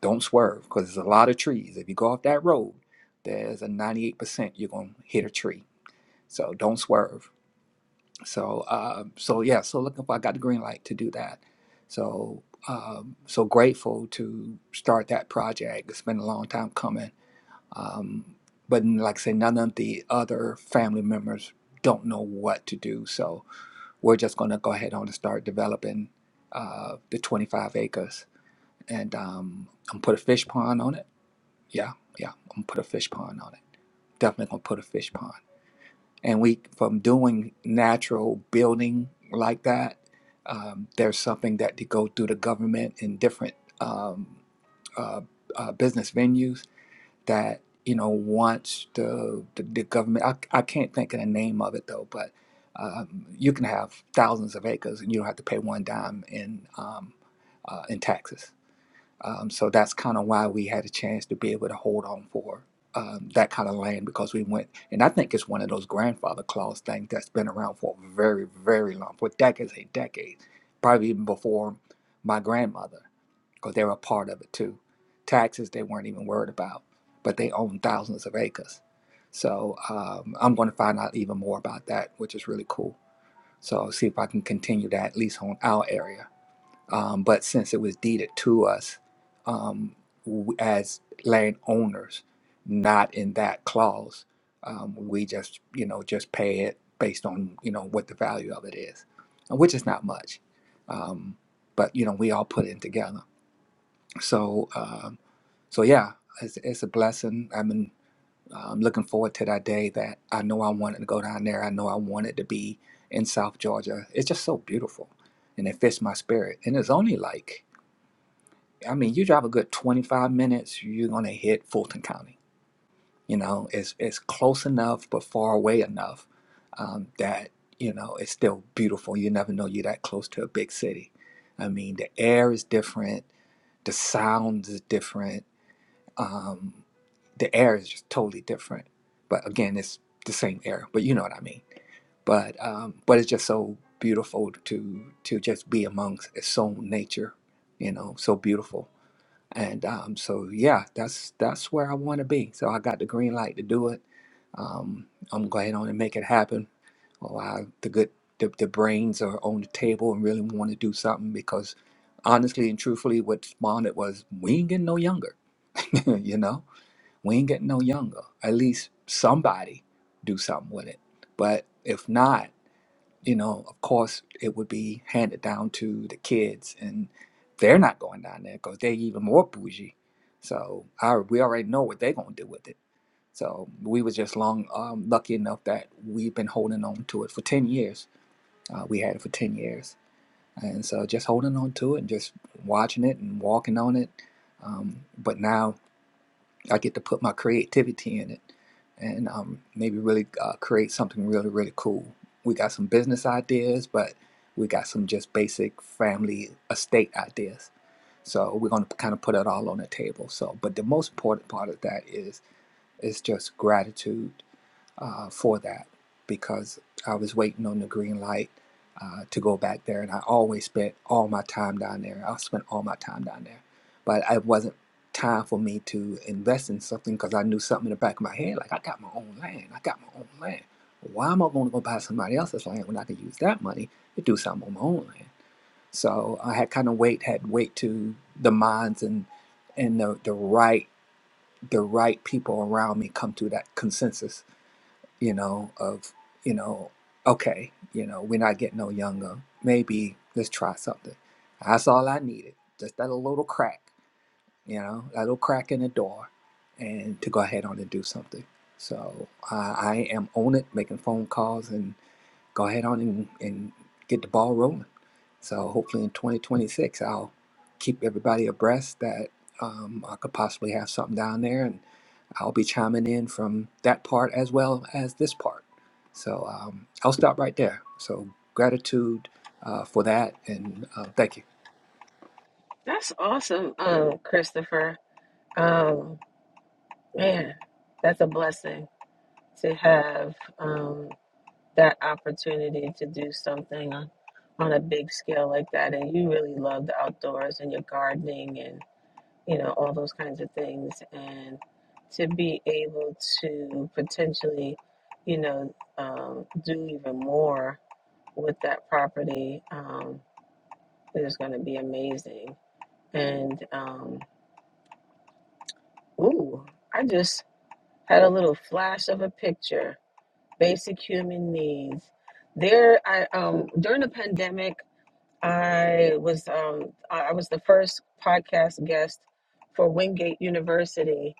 [SPEAKER 12] Don't swerve because there's a lot of trees. If you go off that road, there's a 98% you're gonna hit a tree. So don't swerve. So uh, so yeah. So looking for I got the green light to do that. So um, so grateful to start that project. It's been a long time coming um, but n- like I say, none of the other family members don't know what to do. So we're just going to go ahead on and start developing uh, the 25 acres. And um, I'm put a fish pond on it. Yeah, yeah, I'm gonna put a fish pond on it. Definitely going to put a fish pond. And we, from doing natural building like that, um, there's something that to go through the government in different um, uh, uh, business venues that you know wants the the, the government. I, I can't think of the name of it though, but um, you can have thousands of acres and you don't have to pay one dime in um, uh, in taxes. Um, so that's kind of why we had a chance to be able to hold on for um, that kind of land because we went, and I think it's one of those grandfather clause things that's been around for a very, very long, for decades and decades, probably even before my grandmother because they were a part of it too. Taxes they weren't even worried about, but they own thousands of acres. So um, I'm going to find out even more about that, which is really cool. So I'll see if I can continue that at least on our area. Um, but since it was deeded to us um, w- as landowners, not in that clause, um, we just you know just pay it based on you know what the value of it is, and which is not much. Um, but you know we all put in together. So, um, so yeah, it's, it's a blessing. I've been um, looking forward to that day that I know I wanted to go down there. I know I wanted to be in South Georgia. It's just so beautiful, and it fits my spirit. And it's only like, I mean, you drive a good 25 minutes, you're gonna hit Fulton County. You know, it's it's close enough but far away enough um, that you know it's still beautiful. You never know you're that close to a big city. I mean, the air is different, the sound is different um, the air is just totally different. But again, it's the same air, but you know what I mean. But um, but it's just so beautiful to to just be amongst its own nature, you know, so beautiful. And um, so yeah, that's that's where I want to be. So I got the green light to do it. Um, I'm going on and make it happen. Well, I, the good the, the brains are on the table and really want to do something because honestly and truthfully, what spawned it was we ain't getting no younger, (laughs) you know we ain't getting no younger. At least somebody do something with it. But if not, you know, of course, it would be handed down to the kids, and they're not going down there because they're even more bougie. So I, we already know what they're gonna do with it. So we was just long um, lucky enough that we've been holding on to it for ten years. Uh, we had it for ten years, and so just holding on to it and just watching it and walking on it. Um, but now I get to put my creativity in it and um, maybe really uh, create something really, really cool. We got some business ideas, but we got some just basic family estate ideas. So we're going to kind of put it all on the table. So, but the most important part of that is is just gratitude uh, for that because I was waiting on the green light uh, to go back there, and I always spent all my time down there. I spent all my time down there, but it wasn't time for me to invest in something because I knew something in the back of my head, like I got my own land, I got my own land. Why am I going to go buy somebody else's land when I could use that money to do something on my own land? So I had kind of wait, had wait to the minds and and the, the right the right people around me come to that consensus you know, of, you know, okay, you know, we're not getting no younger. Maybe let's try something. That's all I needed. Just that little crack, you know, that little crack in the door and to go ahead on and do something. So I I am on it, making phone calls and go ahead on and, and get the ball rolling. So hopefully in 2026, I'll keep everybody abreast that um, I could possibly have something down there, and I'll be chiming in from that part as well as this part. So um, I'll stop right there. So gratitude uh, for that, and uh, thank you.
[SPEAKER 3] That's awesome, um, Christopher. Um, man, that's a blessing to have. Um, that opportunity to do something on on a big scale like that and you really love the outdoors and your gardening and you know all those kinds of things and to be able to potentially you know um, do even more with that property um, is going to be amazing and um, ooh i just had a little flash of a picture basic human needs there i um during the pandemic I was um, I I was the first podcast guest for Wingate University,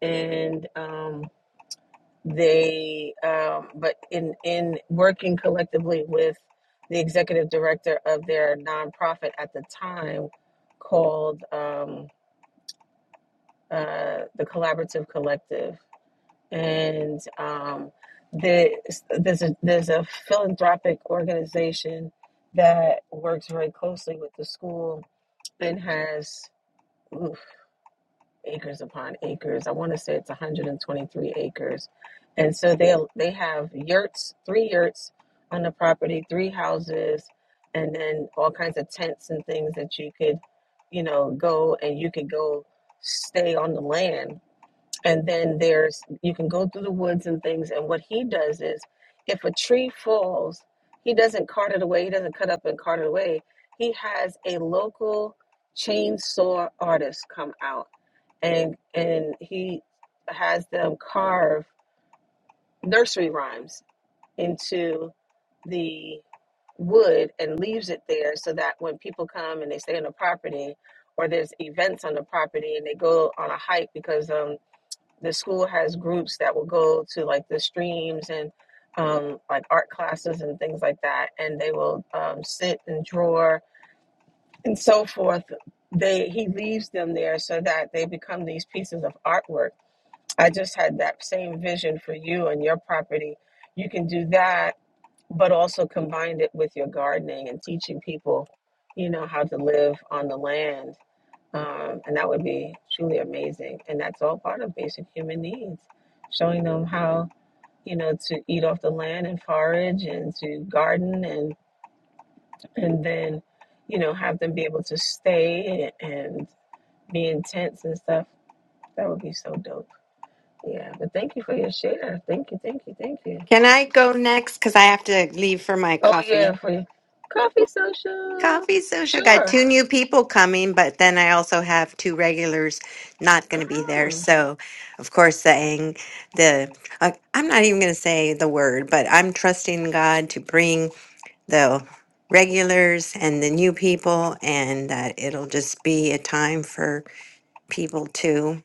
[SPEAKER 3] and um, they um, but in in working collectively with the executive director of their nonprofit at the time called um, uh, the Collaborative Collective, and um, the, there's a there's a philanthropic organization that works very closely with the school It has oof, acres upon acres. I want to say it's 123 acres. And so they they have yurts, three yurts on the property, three houses, and then all kinds of tents and things that you could, you know, go and you could go stay on the land and then there's, you can go through the woods and things. And what he does is, if a tree falls, he doesn't cart it away. He doesn't cut up and cart it away. He has a local chainsaw artist come out and and he has them carve nursery rhymes into the wood and leaves it there so that when people come and they stay on the property or there's events on the property and they go on a hike because um the school has groups that will go to like the streams and um, like art classes and things like that, and they will um, sit and draw and so forth. They he leaves them there so that they become these pieces of artwork. I just had that same vision for you and your property. You can do that, but also combine it with your gardening and teaching people, you know, how to live on the land um, and that would be truly amazing. And that's all part of basic human needs, showing them how, you know, to eat off the land and forage and to garden and, and then, you know, have them be able to stay and be in tents and stuff. That would be so dope. Yeah. But thank you for your share. Thank you. Thank you. Thank you.
[SPEAKER 1] Can I go next? Because I have to leave for my
[SPEAKER 3] Oh
[SPEAKER 1] coffee.
[SPEAKER 3] yeah. For your coffee social.
[SPEAKER 1] Coffee social. I got
[SPEAKER 3] Sure.
[SPEAKER 1] two new people coming, but then I also have two regulars not going to be there.
[SPEAKER 3] Ah.
[SPEAKER 1] So, of course, saying the uh, I'm not even going to say the word, but I'm trusting God to bring the regulars and the new people, and that it'll just be a time for people to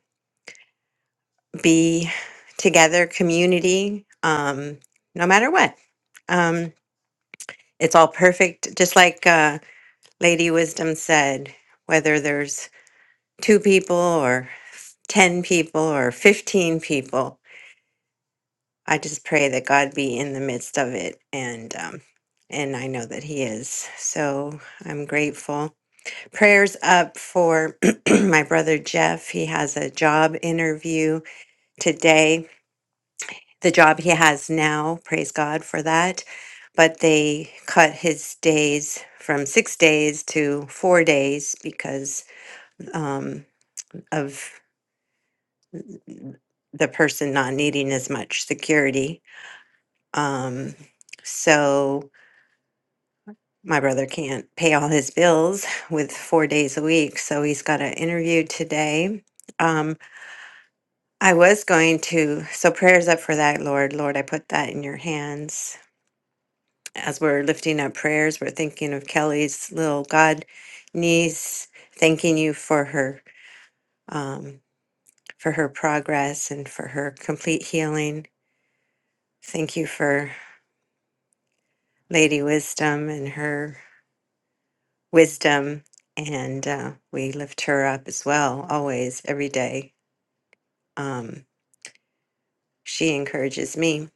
[SPEAKER 1] be together, community, um, no matter what. Um, it's all perfect, just like uh, Lady Wisdom said. Whether there's two people or 10 people or 15 people. I just pray that God be in the midst of it and um and I know that he is. So I'm grateful. Prayers up for (clears throat) my brother Jeff. He has a job interview today. The job he has now, praise God for that. But they cut his days from six days to four days because um, of the person not needing as much security. Um, so my brother can't pay all his bills (laughs) with four days a week, so he's got an interview today. Um, I was going to, so prayers up for that, Lord. Lord, I put that in your hands. As we're lifting up prayers, we're thinking of Kelly's little God niece, thanking you for her um, for her progress and for her complete healing. Thank you for Lady Wisdom and her wisdom. And uh, we lift her up as well, always, every day. Um, she encourages me.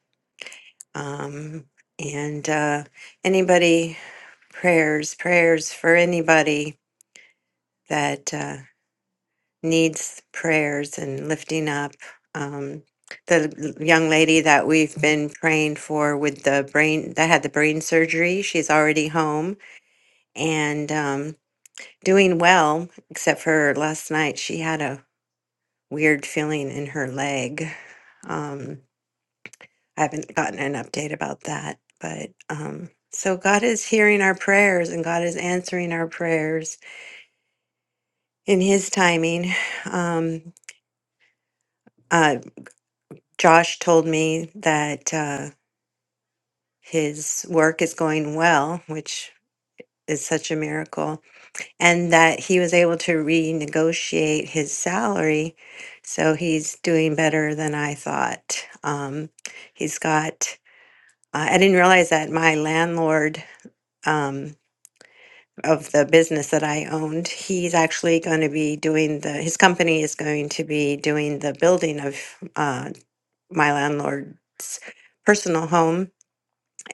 [SPEAKER 1] Um, and uh, anybody, prayers, prayers for anybody that uh, needs prayers and lifting up. Um, the l- young lady that we've been praying for with the brain that had the brain surgery, she's already home. And um, Doing well, except for last night she had a weird feeling in her leg. Um, I haven't gotten an update about that, but um, so God is hearing our prayers and God is answering our prayers in His timing. (sighs) Um, uh, Josh told me that uh, his work is going well, which is such a miracle and that he was able to renegotiate his salary. So he's doing better than I thought. Um, he's got, uh, I didn't realize that my landlord um, of the business that I owned, he's actually going to be doing the, his company is going to be doing the building of uh, my landlord's personal home.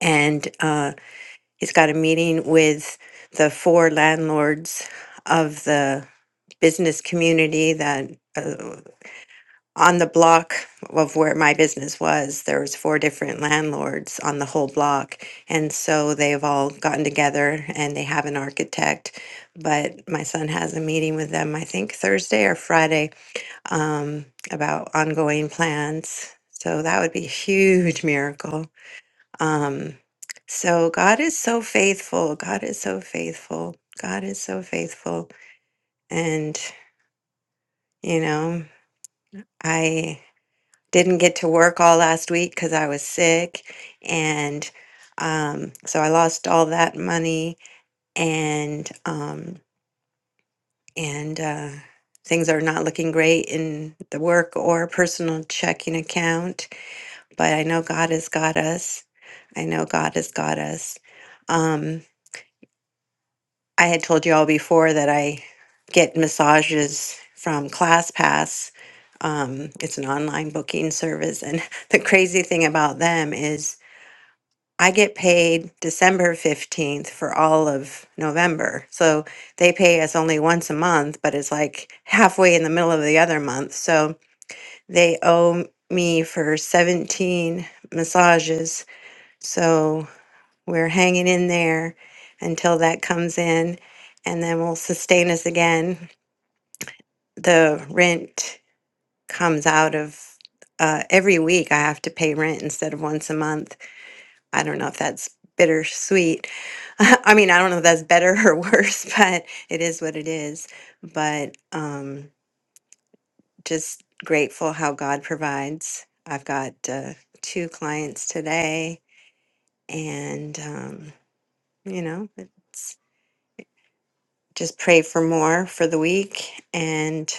[SPEAKER 1] And uh, he's got a meeting with the four landlords of the business community that uh, on the block of where my business was there was four different landlords on the whole block and so they've all gotten together and they have an architect but my son has a meeting with them i think thursday or friday um, about ongoing plans so that would be a huge miracle um, so god is so faithful god is so faithful god is so faithful and you know I didn't get to work all last week because I was sick. And um, so I lost all that money and um, and uh, things are not looking great in the work or personal checking account. But I know God has got us. I know God has got us. Um, I had told you all before that I get massages from ClassPass. Um, it's an online booking service. And (laughs) the crazy thing about them is I get paid December 15th for all of November. So they pay us only once a month, but it's like halfway in the middle of the other month. So they owe me for 17 massages. So we're hanging in there until that comes in, and then will sustain us again. The rent comes out of uh, every week I have to pay rent instead of once a month. I don't know if that's bittersweet. (laughs) I mean, I don't know if that's better (laughs) or worse, but it is what it is. But um, just grateful how God provides. I've got uh, two clients today, and um, you know, just pray for more for the week and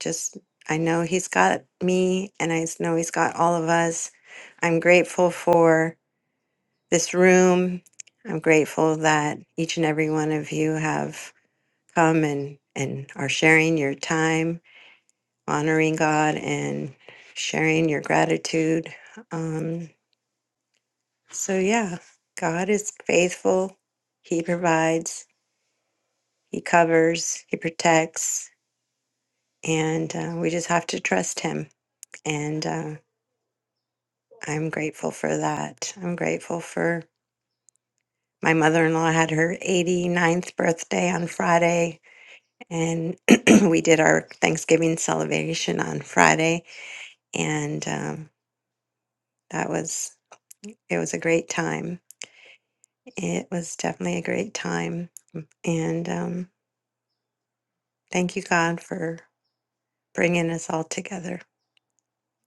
[SPEAKER 1] just I know he's got me and I s- know he's got all of us. I'm grateful for this room. I'm grateful that each and every one of you have come and and are sharing your time, honoring God and sharing your gratitude. Um so yeah, God is faithful. He provides, he covers, he protects, and uh, we just have to trust him. And uh, I'm grateful for that. I'm grateful for my mother in law had her 89th birthday on Friday, and (clears throat) we did our Thanksgiving celebration on Friday, and um, that was it was a great time. It was definitely a great time, and um, thank you God for bringing us all together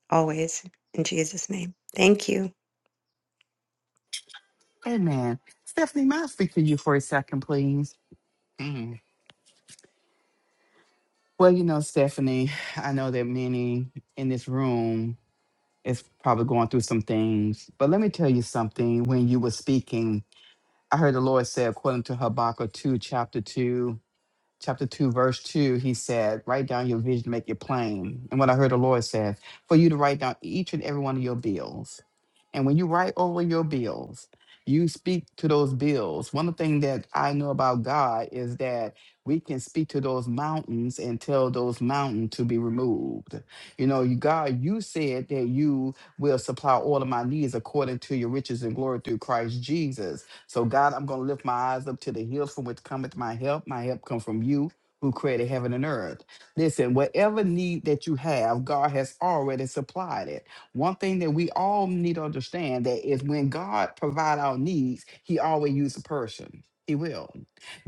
[SPEAKER 1] always in Jesus' name. Thank you.
[SPEAKER 10] Amen. Stephanie, may I speak to you for a second, please? Mm. Well, you know, Stephanie, I know that many in this room is probably going through some things. But let me tell you something. When you were speaking, I heard the Lord say, according to Habakkuk 2, chapter 2, chapter 2, verse 2, he said, Write down your vision, make it plain. And what I heard the Lord said, for you to write down each and every one of your bills. And when you write over your bills, you speak to those bills. One of the things that I know about God is that we can speak to those mountains and tell those mountains to be removed. You know, you- God, you said that you will supply all of my needs according to your riches and glory through Christ Jesus. So, God, I'm going to lift my eyes up to the hills from which cometh my help. My help come from you who created heaven and earth. Listen, whatever need that you have, God has already supplied it. One thing that we all need to understand that is when God provide our needs, He always use a person. He will.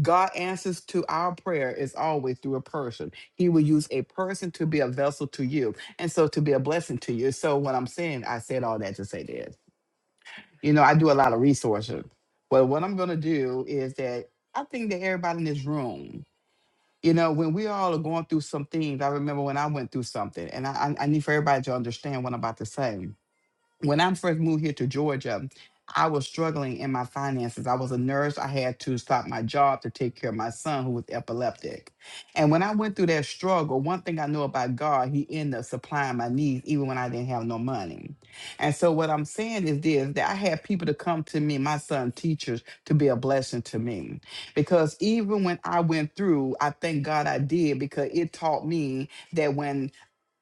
[SPEAKER 10] God answers to our prayer is always through a person. He will use a person to be a vessel to you, and so to be a blessing to you. So what I'm saying, I said all that to say this. You know, I do a lot of resources. but what I'm gonna do is that I think that everybody in this room, you know, when we all are going through some things, I remember when I went through something, and I, I I need for everybody to understand what I'm about to say when I first moved here to Georgia, I was struggling in my finances. I was a nurse. I had to stop my job to take care of my son who was epileptic. And when I went through that struggle, one thing I know about God, he ended up supplying my needs even when I didn't have no money. And so what I'm saying is this that I had people to come to me, my son teachers, to be a blessing to me. Because even when I went through, I thank God I did because it taught me that when.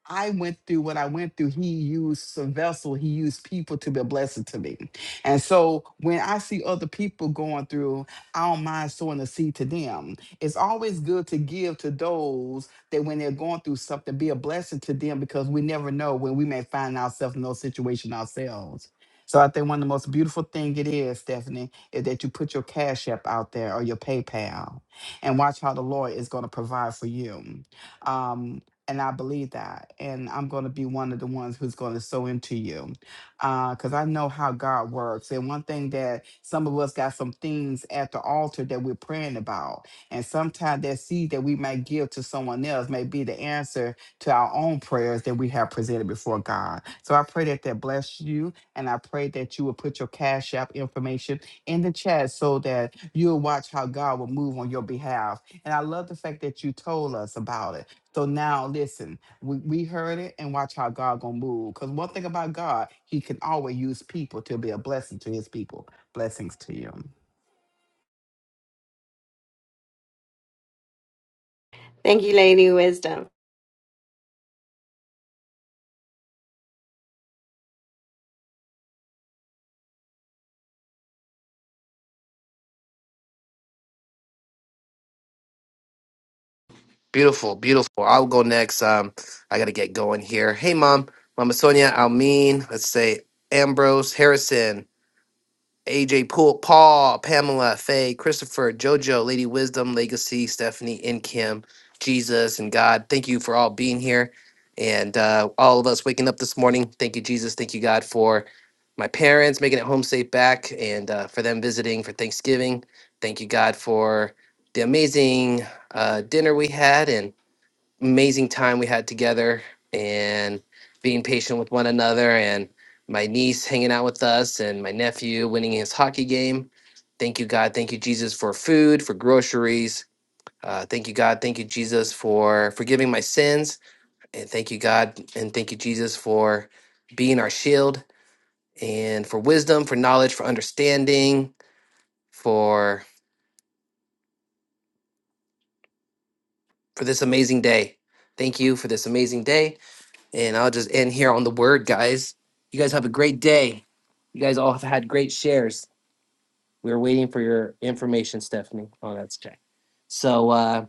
[SPEAKER 10] I went through what I went through, he used a vessel, he used people to be a blessing to me. And so when I see other people going through, I don't mind sowing the seed to them. It's always good to give to those that when they're going through something, be a blessing to them because we never know when we may find ourselves in those situations ourselves. So I think one of the most beautiful thing it is, Stephanie, is that you put your Cash App out there or your PayPal and watch how the Lord is going to provide for you Um, and I believe that. And I'm going to be one of the ones who's going to sow into you because I know how God works. And one thing that some of us got some things at the altar that we're praying about. And sometimes that seed that we might give to someone else may be the answer to our own prayers that we have presented before God. So I pray that that bless you. And I pray that you will put your Cash App information in the chat so that you'll watch how God will move on your behalf. And I love the fact that you told us about it so now listen, we, we heard it and watch how God gonna move. Because one thing about God, he can always use people to be a blessing to his people. Blessings to you.
[SPEAKER 1] Thank you, Lady Wisdom.
[SPEAKER 9] Beautiful. I'll go next. Um, I gotta get going here. Hey, mom, Mama Sonia, Almin. Let's say Ambrose Harrison. AJ Poole, Paul, Pamela, Faye, Christopher, JoJo, Lady Wisdom, Legacy, Stephanie, and Kim, Jesus, and God. Thank you for all being here and uh, all of us waking up this morning. Thank you, Jesus. Thank you, God, for my parents making it home safe back and uh, for them visiting for Thanksgiving. Thank you, God, for the amazing uh, dinner we had amazing time we had together and being patient with one another and my niece hanging out with us and my nephew winning his hockey game. Thank you, God. Thank you, Jesus, for food, for groceries. Uh, thank you, God. Thank you, Jesus, for forgiving my sins. And thank you, God. And thank you, Jesus, for being our shield and for wisdom, for knowledge, for understanding, for for this amazing day. Thank you for this amazing day. And I'll just end here on the word, guys. You guys have a great day. You guys all have had great shares. We were waiting for your information, Stephanie. Oh, that's okay. So uh,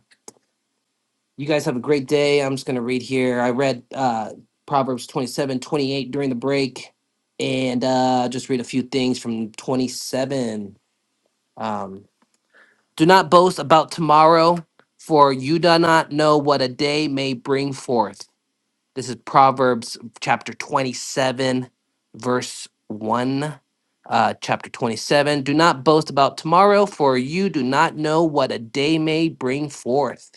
[SPEAKER 9] you guys have a great day. I'm just going to read here. I read uh, Proverbs 27, 28 during the break, and uh, just read a few things from 27. Um, do not boast about tomorrow, for you do not know what a day may bring forth. This is Proverbs chapter 27, verse 1. Uh, chapter 27 Do not boast about tomorrow, for you do not know what a day may bring forth.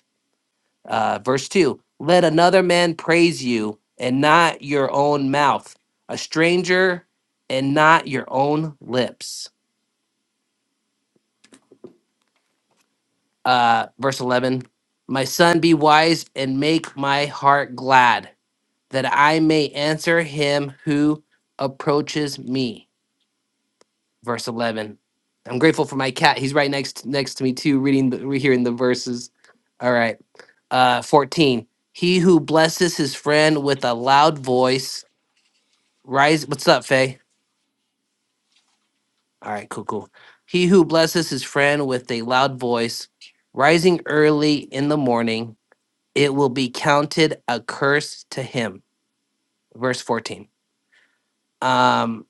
[SPEAKER 9] Uh, verse 2 Let another man praise you, and not your own mouth, a stranger, and not your own lips. Uh, verse 11 My son, be wise and make my heart glad, that I may answer him who approaches me verse 11. I'm grateful for my cat. He's right next next to me too, reading the re- hearing the verses. All right. Uh 14. He who blesses his friend with a loud voice rise What's up, Faye? All right, cool, cool. He who blesses his friend with a loud voice, rising early in the morning, it will be counted a curse to him. Verse 14. Um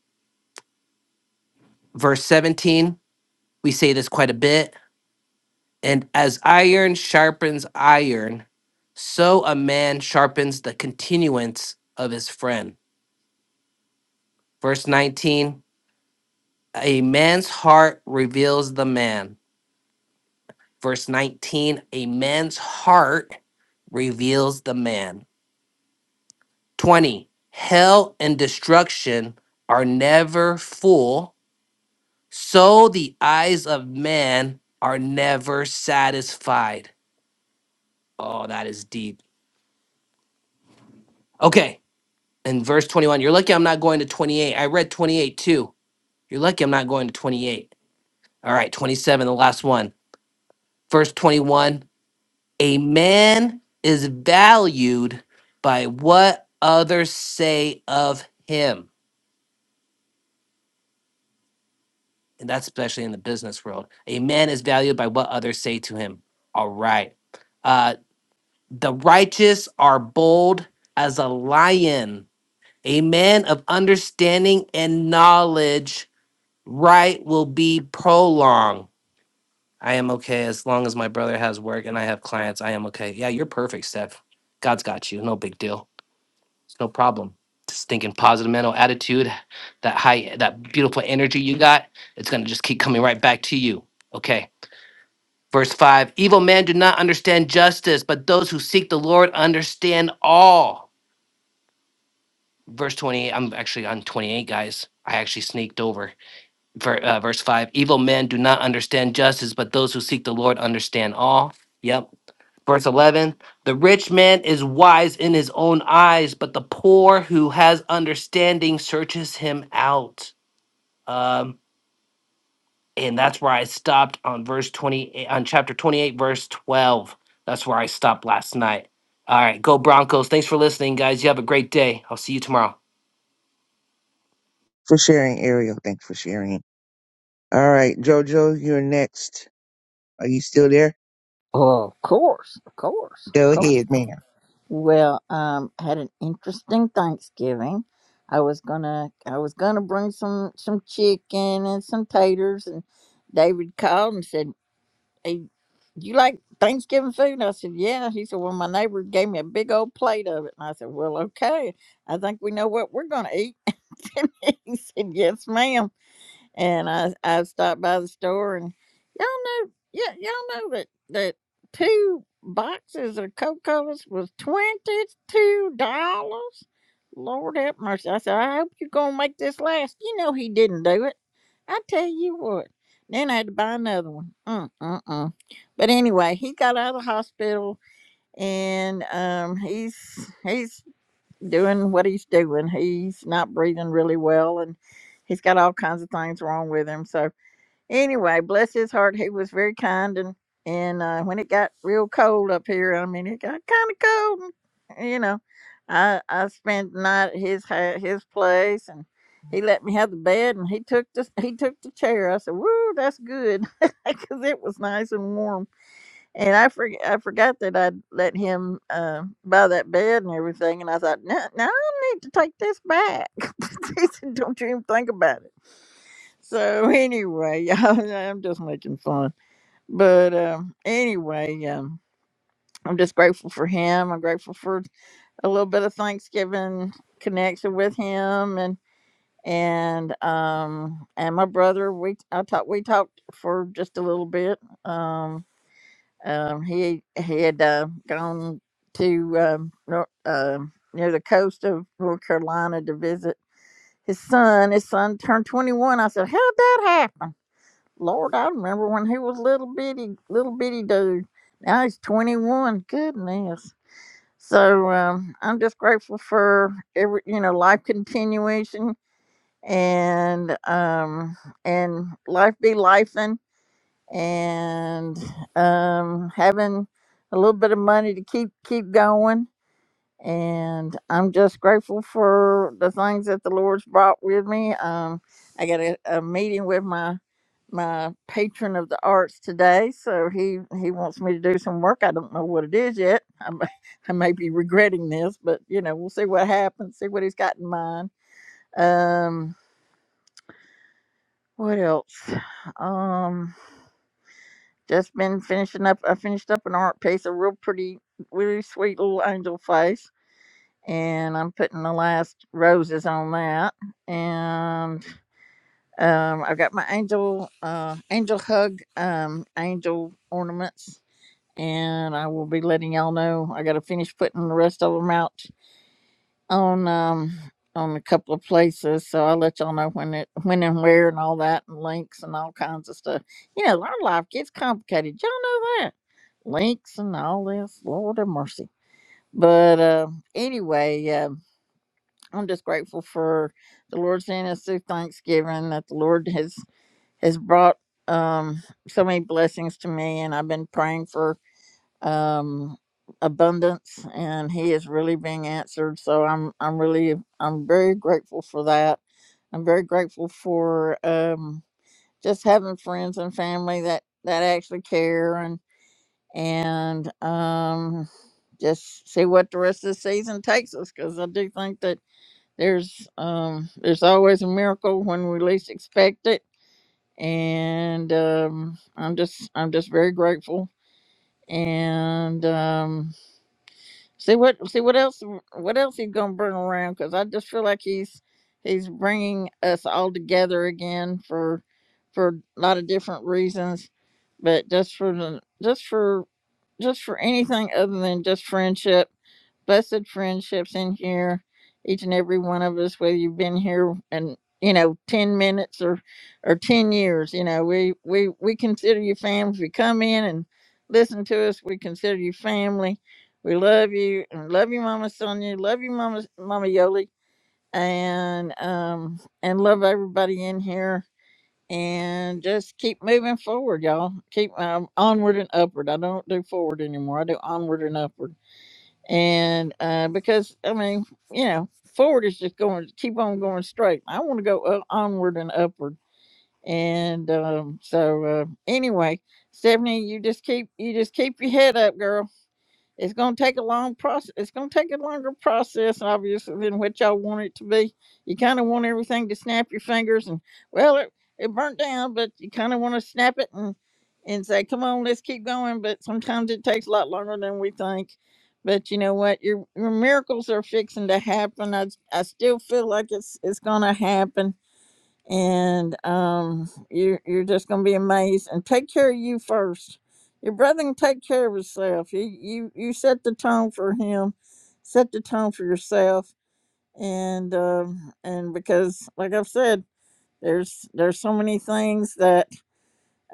[SPEAKER 9] verse 17, we say this quite a bit And as iron sharpens iron, so a man sharpens the continuance of his friend. Verse 19, a man's heart reveals the man. Verse 19, a man's heart reveals the man. 20, hell and destruction are never full, so the eyes of man are never satisfied. Oh, that is deep. Okay. And verse 21, you're lucky I'm not going to 28. I read 28 too. You're lucky I'm not going to 28. All right, 27, the last one. Verse 21, a man is valued by what others say of him. And that's especially in the business world. A man is valued by what others say to him. All right. Uh, the righteous are bold as a lion. A man of understanding and knowledge right will be prolonged. I am okay as long as my brother has work and I have clients. I am okay. Yeah, you're perfect, Steph. God's got you. No big deal. It's no problem. Just thinking positive mental attitude, that high, that beautiful energy you got, it's gonna just keep coming right back to you. Okay. Verse five: Evil men do not understand justice, but those who seek the Lord understand all. Verse twenty-eight. I'm actually on twenty-eight, guys. I actually sneaked over. ver, uh, verse 5 evil men do not understand justice but those who seek the lord understand all yep verse 11 the rich man is wise in his own eyes but the poor who has understanding searches him out um and that's where i stopped on verse 28 on chapter 28 verse 12 that's where i stopped last night all right go broncos thanks for listening guys you have a great day i'll see you tomorrow
[SPEAKER 2] for sharing, Ariel. Thanks for sharing. All right, JoJo, you're next. Are you still there?
[SPEAKER 6] Oh, of course, of course, of
[SPEAKER 2] Go
[SPEAKER 6] course.
[SPEAKER 2] ahead, ma'am.
[SPEAKER 6] Well, um, had an interesting Thanksgiving. I was gonna, I was gonna bring some some chicken and some taters, and David called and said. Hey, you like Thanksgiving food? And I said, Yeah. He said, Well, my neighbor gave me a big old plate of it. And I said, Well, okay. I think we know what we're going to eat. (laughs) and he said, Yes, ma'am and I I stopped by the store and y'all know yeah y'all know that that two boxes of Coca Colas was twenty two dollars. Lord have mercy! I said I hope you're gonna make this last. You know he didn't do it. I tell you what. Then I had to buy another one. Mm mm mm. But anyway, he got out of the hospital and um he's he's doing what he's doing. He's not breathing really well and he's got all kinds of things wrong with him. So anyway, bless his heart, he was very kind and and uh, when it got real cold up here, I mean it got kind of cold, and, you know, I I spent the night at his ha- his place and he let me have the bed and he took the he took the chair. I said, "Woo, that's good," (laughs) because it was nice and warm and I forg I forgot that I'd let him uh, buy that bed and everything. And I thought, no, no, I need to take this back. (laughs) he said, don't you even think about it. So anyway, (laughs) y'all, I'm just making fun. But um, anyway, um, I'm just grateful for him. I'm grateful for a little bit of Thanksgiving connection with him and and um and my brother we I talked we talked for just a little bit Um. Um, he he had uh, gone to um, nor- um near the coast of North Carolina to visit his son. His son turned 21. I said, "How'd that happen?" Lord, I remember when he was little bitty little bitty dude. Now he's 21. Goodness. So um, I'm just grateful for every you know life continuation and um and life be life and um, having a little bit of money to keep keep going. And I'm just grateful for the things that the Lord's brought with me. Um, I got a, a meeting with my my patron of the arts today, so he he wants me to do some work. I don't know what it is yet. I may, (laughs) I may be regretting this, but you know we'll see what happens. See what he's got in mind. Um, what else? Um, Just been finishing up. I finished up an art piece, a real pretty, really sweet little angel face, and I'm putting the last roses on that. And um, I've got my angel, uh, angel hug, um, angel ornaments, and I will be letting y'all know. I got to finish putting the rest of them out on um on a couple of places so i'll let y'all know when it when and where and all that and links and all kinds of stuff you know our life gets complicated y'all know that links and all this lord have mercy but uh, anyway uh, i'm just grateful for the lord sending us through thanksgiving that the lord has has brought um so many blessings to me and i've been praying for um abundance and he is really being answered so i'm i'm really i'm very grateful for that i'm very grateful for um just having friends and family that that actually care and and um just see what the rest of the season takes us because i do think that there's um there's always a miracle when we least expect it and um i'm just i'm just very grateful and um, See what? See what else? What else he's gonna bring around? Because I just feel like he's he's bringing us all together again for for a lot of different reasons, but just for the just for just for anything other than just friendship blessed friendships in here, each and every one of us, whether you've been here and you know, ten minutes or or ten years, you know, we we we consider you family. If you come in and listen to us, we consider you family. We love you and love you, Mama Sonia. Love you, Mama Mama Yoli, and um and love everybody in here. And just keep moving forward, y'all. Keep um, onward and upward. I don't do forward anymore. I do onward and upward and uh, because I mean, you know, forward is just going keep on going straight. I want to go up, onward and upward. And um, so uh, anyway, Stephanie, you just keep you just keep your head up, girl it's going to take a long process. It's going to take a longer process, obviously, than what y'all want it to be. You kind of want everything to snap your fingers and, well, it, it burnt down, but you kind of want to snap it and and say, come on, let's keep going. But sometimes it takes a lot longer than we think. But you know what? Your, your miracles are fixing to happen. I, I still feel like it's it's going to happen and um, you're you're just gonna be amazed. And take care of you first. Your brother can take care of himself. You you you set the tone for him, set the tone for yourself, and um, and because like I've said, there's there's so many things that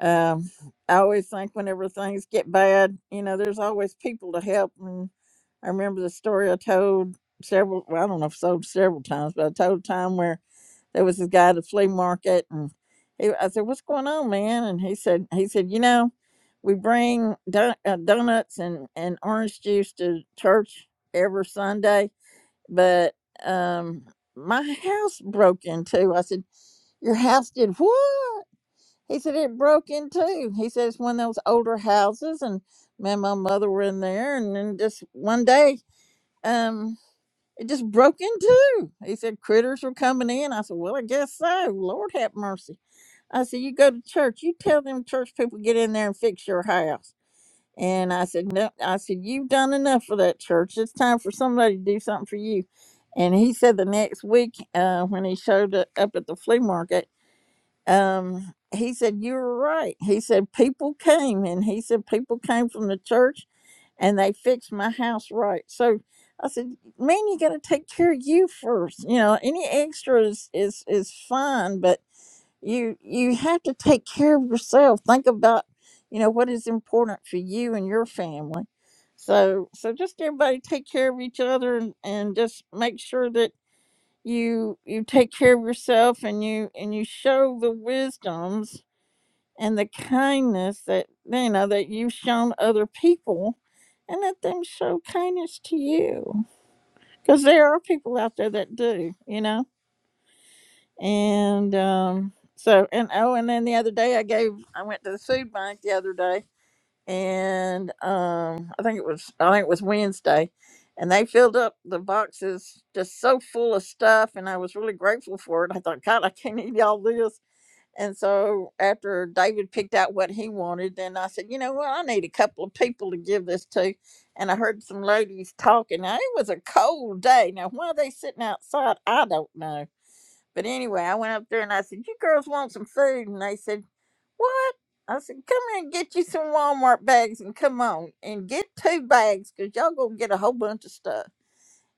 [SPEAKER 6] um, I always think whenever things get bad, you know, there's always people to help. And I remember the story I told several. Well, I don't know if I told several times, but I told a time where there was this guy at the flea market and he, I said, what's going on, man? And he said, he said, you know, we bring don- uh, donuts and, and orange juice to church every Sunday, but, um, my house broke into. I said, your house did what? He said, it broke into. He said, it's one of those older houses and me and my mother were in there. And then just one day, um." It just broke in two. He said critters were coming in. I said, Well, I guess so. Lord have mercy. I said, You go to church, you tell them church people get in there and fix your house. And I said, No, I said, You've done enough for that church. It's time for somebody to do something for you. And he said the next week, uh, when he showed up at the flea market, um, he said, You were right. He said, People came and he said, People came from the church and they fixed my house right. So I said, Man, you gotta take care of you first. You know, any extras is is fine, but you you have to take care of yourself. Think about, you know, what is important for you and your family. So so just everybody take care of each other and, and just make sure that you you take care of yourself and you and you show the wisdoms and the kindness that you know that you've shown other people and let them show kindness to you because there are people out there that do you know and um so and oh and then the other day i gave i went to the food bank the other day and um i think it was i think it was wednesday and they filled up the boxes just so full of stuff and i was really grateful for it i thought god i can't eat all this and so after david picked out what he wanted then i said you know what i need a couple of people to give this to and i heard some ladies talking now it was a cold day now why they sitting outside i don't know but anyway i went up there and i said you girls want some food and they said what? I said, come here and get you some Walmart bags and come on and get two bags because y'all gonna get a whole bunch of stuff.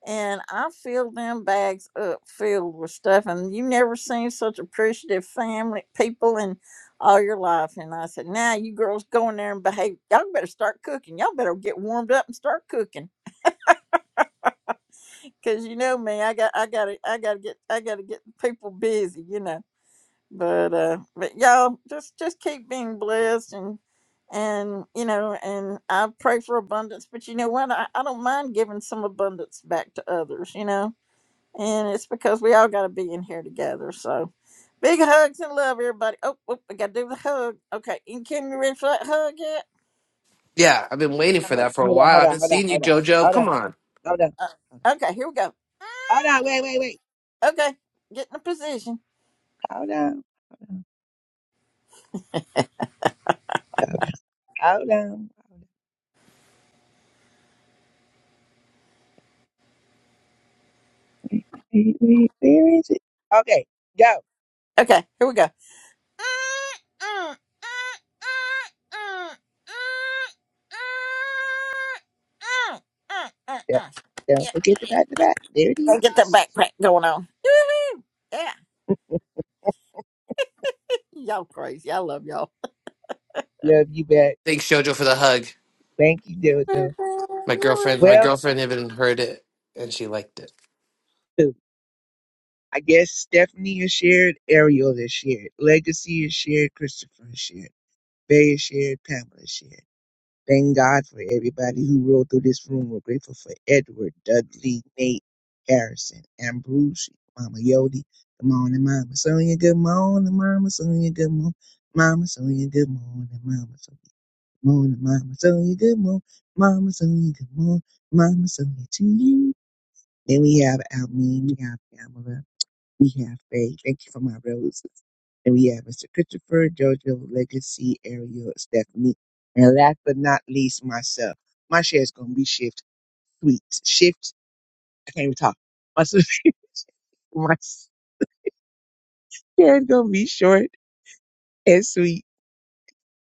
[SPEAKER 6] And I filled them bags up filled with stuff. And you never seen such appreciative family people in all your life. And I said, now you girls go in there and behave. Y'all better start cooking. Y'all better get warmed up and start cooking. Cause you know me, I got I gotta I gotta get I gotta get people busy, you know. but uh but y'all just just keep being blessed and and you know and i pray for abundance but you know what i, I don't mind giving some abundance back to others you know and it's because we all got to be in here together so big hugs and love everybody oh, oh we gotta do the hug okay and can you ready for that hug yet
[SPEAKER 2] Hold on, hold
[SPEAKER 9] Wow,
[SPEAKER 2] on,
[SPEAKER 9] I
[SPEAKER 2] hold on,
[SPEAKER 9] haven't seen you,
[SPEAKER 2] hold on,
[SPEAKER 9] JoJo.
[SPEAKER 2] hold on,
[SPEAKER 9] Come on.
[SPEAKER 2] hold on.
[SPEAKER 6] uh, okay here we go
[SPEAKER 2] Hold on, wait, wait, wait.
[SPEAKER 6] okay get in a position
[SPEAKER 2] Hold on. Hold on. Hold on. hold on. Wait, wait, wait. Where is it? Okay, go.
[SPEAKER 6] okay here we go
[SPEAKER 2] Don't, don't
[SPEAKER 6] Yeah,
[SPEAKER 2] forget
[SPEAKER 6] yeah.
[SPEAKER 2] about the back. There it
[SPEAKER 6] Go get that
[SPEAKER 2] is.
[SPEAKER 6] backpack going on. woo Yeah. Y'all crazy. I love y'all.
[SPEAKER 2] Love you back. Thank you, Dildo.
[SPEAKER 6] (laughs)
[SPEAKER 2] Well, ooh, I guess Stephanie is shared, Ariel is shared, Legacy is shared, Christopher is shared, Bay is shared, Pamela is shared. Thank God for everybody who rolled through this room. We're grateful for Edward, Dudley, Nate, Harrison, Ambrosia, Mama Yodi. Good morning, Mama Sonia. Good morning, Mama Sonia. Good morning, Mama Sonia. Good morning, Mama Sonia. Good morning, Mama Sonia. Good morning, Mama Sonia. Good morning, Mama Sonia. To you. Then we have Almeen. We have Pamela. We have faith. Thank you for my roses. And we have Mr. Christopher, Jojo, Legacy, Ariel, Stephanie. And last but not least, myself. My share is going to be shift sweet. Shift, I can't even talk. My, s- (laughs) my share is going to be short and sweet.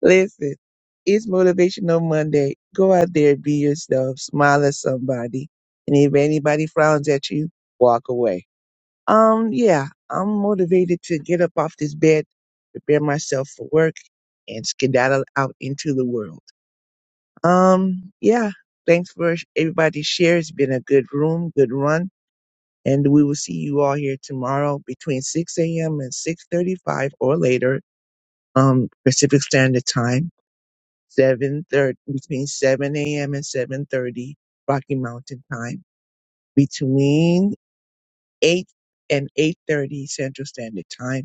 [SPEAKER 2] Listen, it's Motivational Monday. Go out there, be yourself, smile at somebody. And if anybody frowns at you, walk away. Um, yeah, I'm motivated to get up off this bed, prepare myself for work, and skedaddle out into the world. Um, yeah, thanks for sh- everybody's share. It's been a good room, good run, and we will see you all here tomorrow between 6 a.m. and 6:35 or later, um, Pacific Standard Time, 7:30 between 7 a.m. and 7:30 Rocky Mountain Time, between 8 and 8:30 Central Standard Time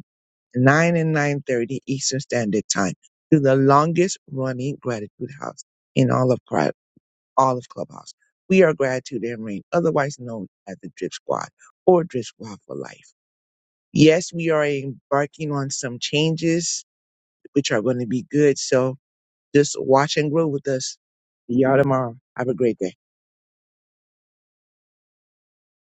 [SPEAKER 2] 9 and 9.30 Eastern Standard Time to the longest running Gratitude House in all of Cri- all of Clubhouse. We are Gratitude and Rain, otherwise known as the Drip Squad or Drip Squad for Life. Yes, we are embarking on some changes, which are going to be good. So just watch and grow with us. See y'all tomorrow. Have a great day.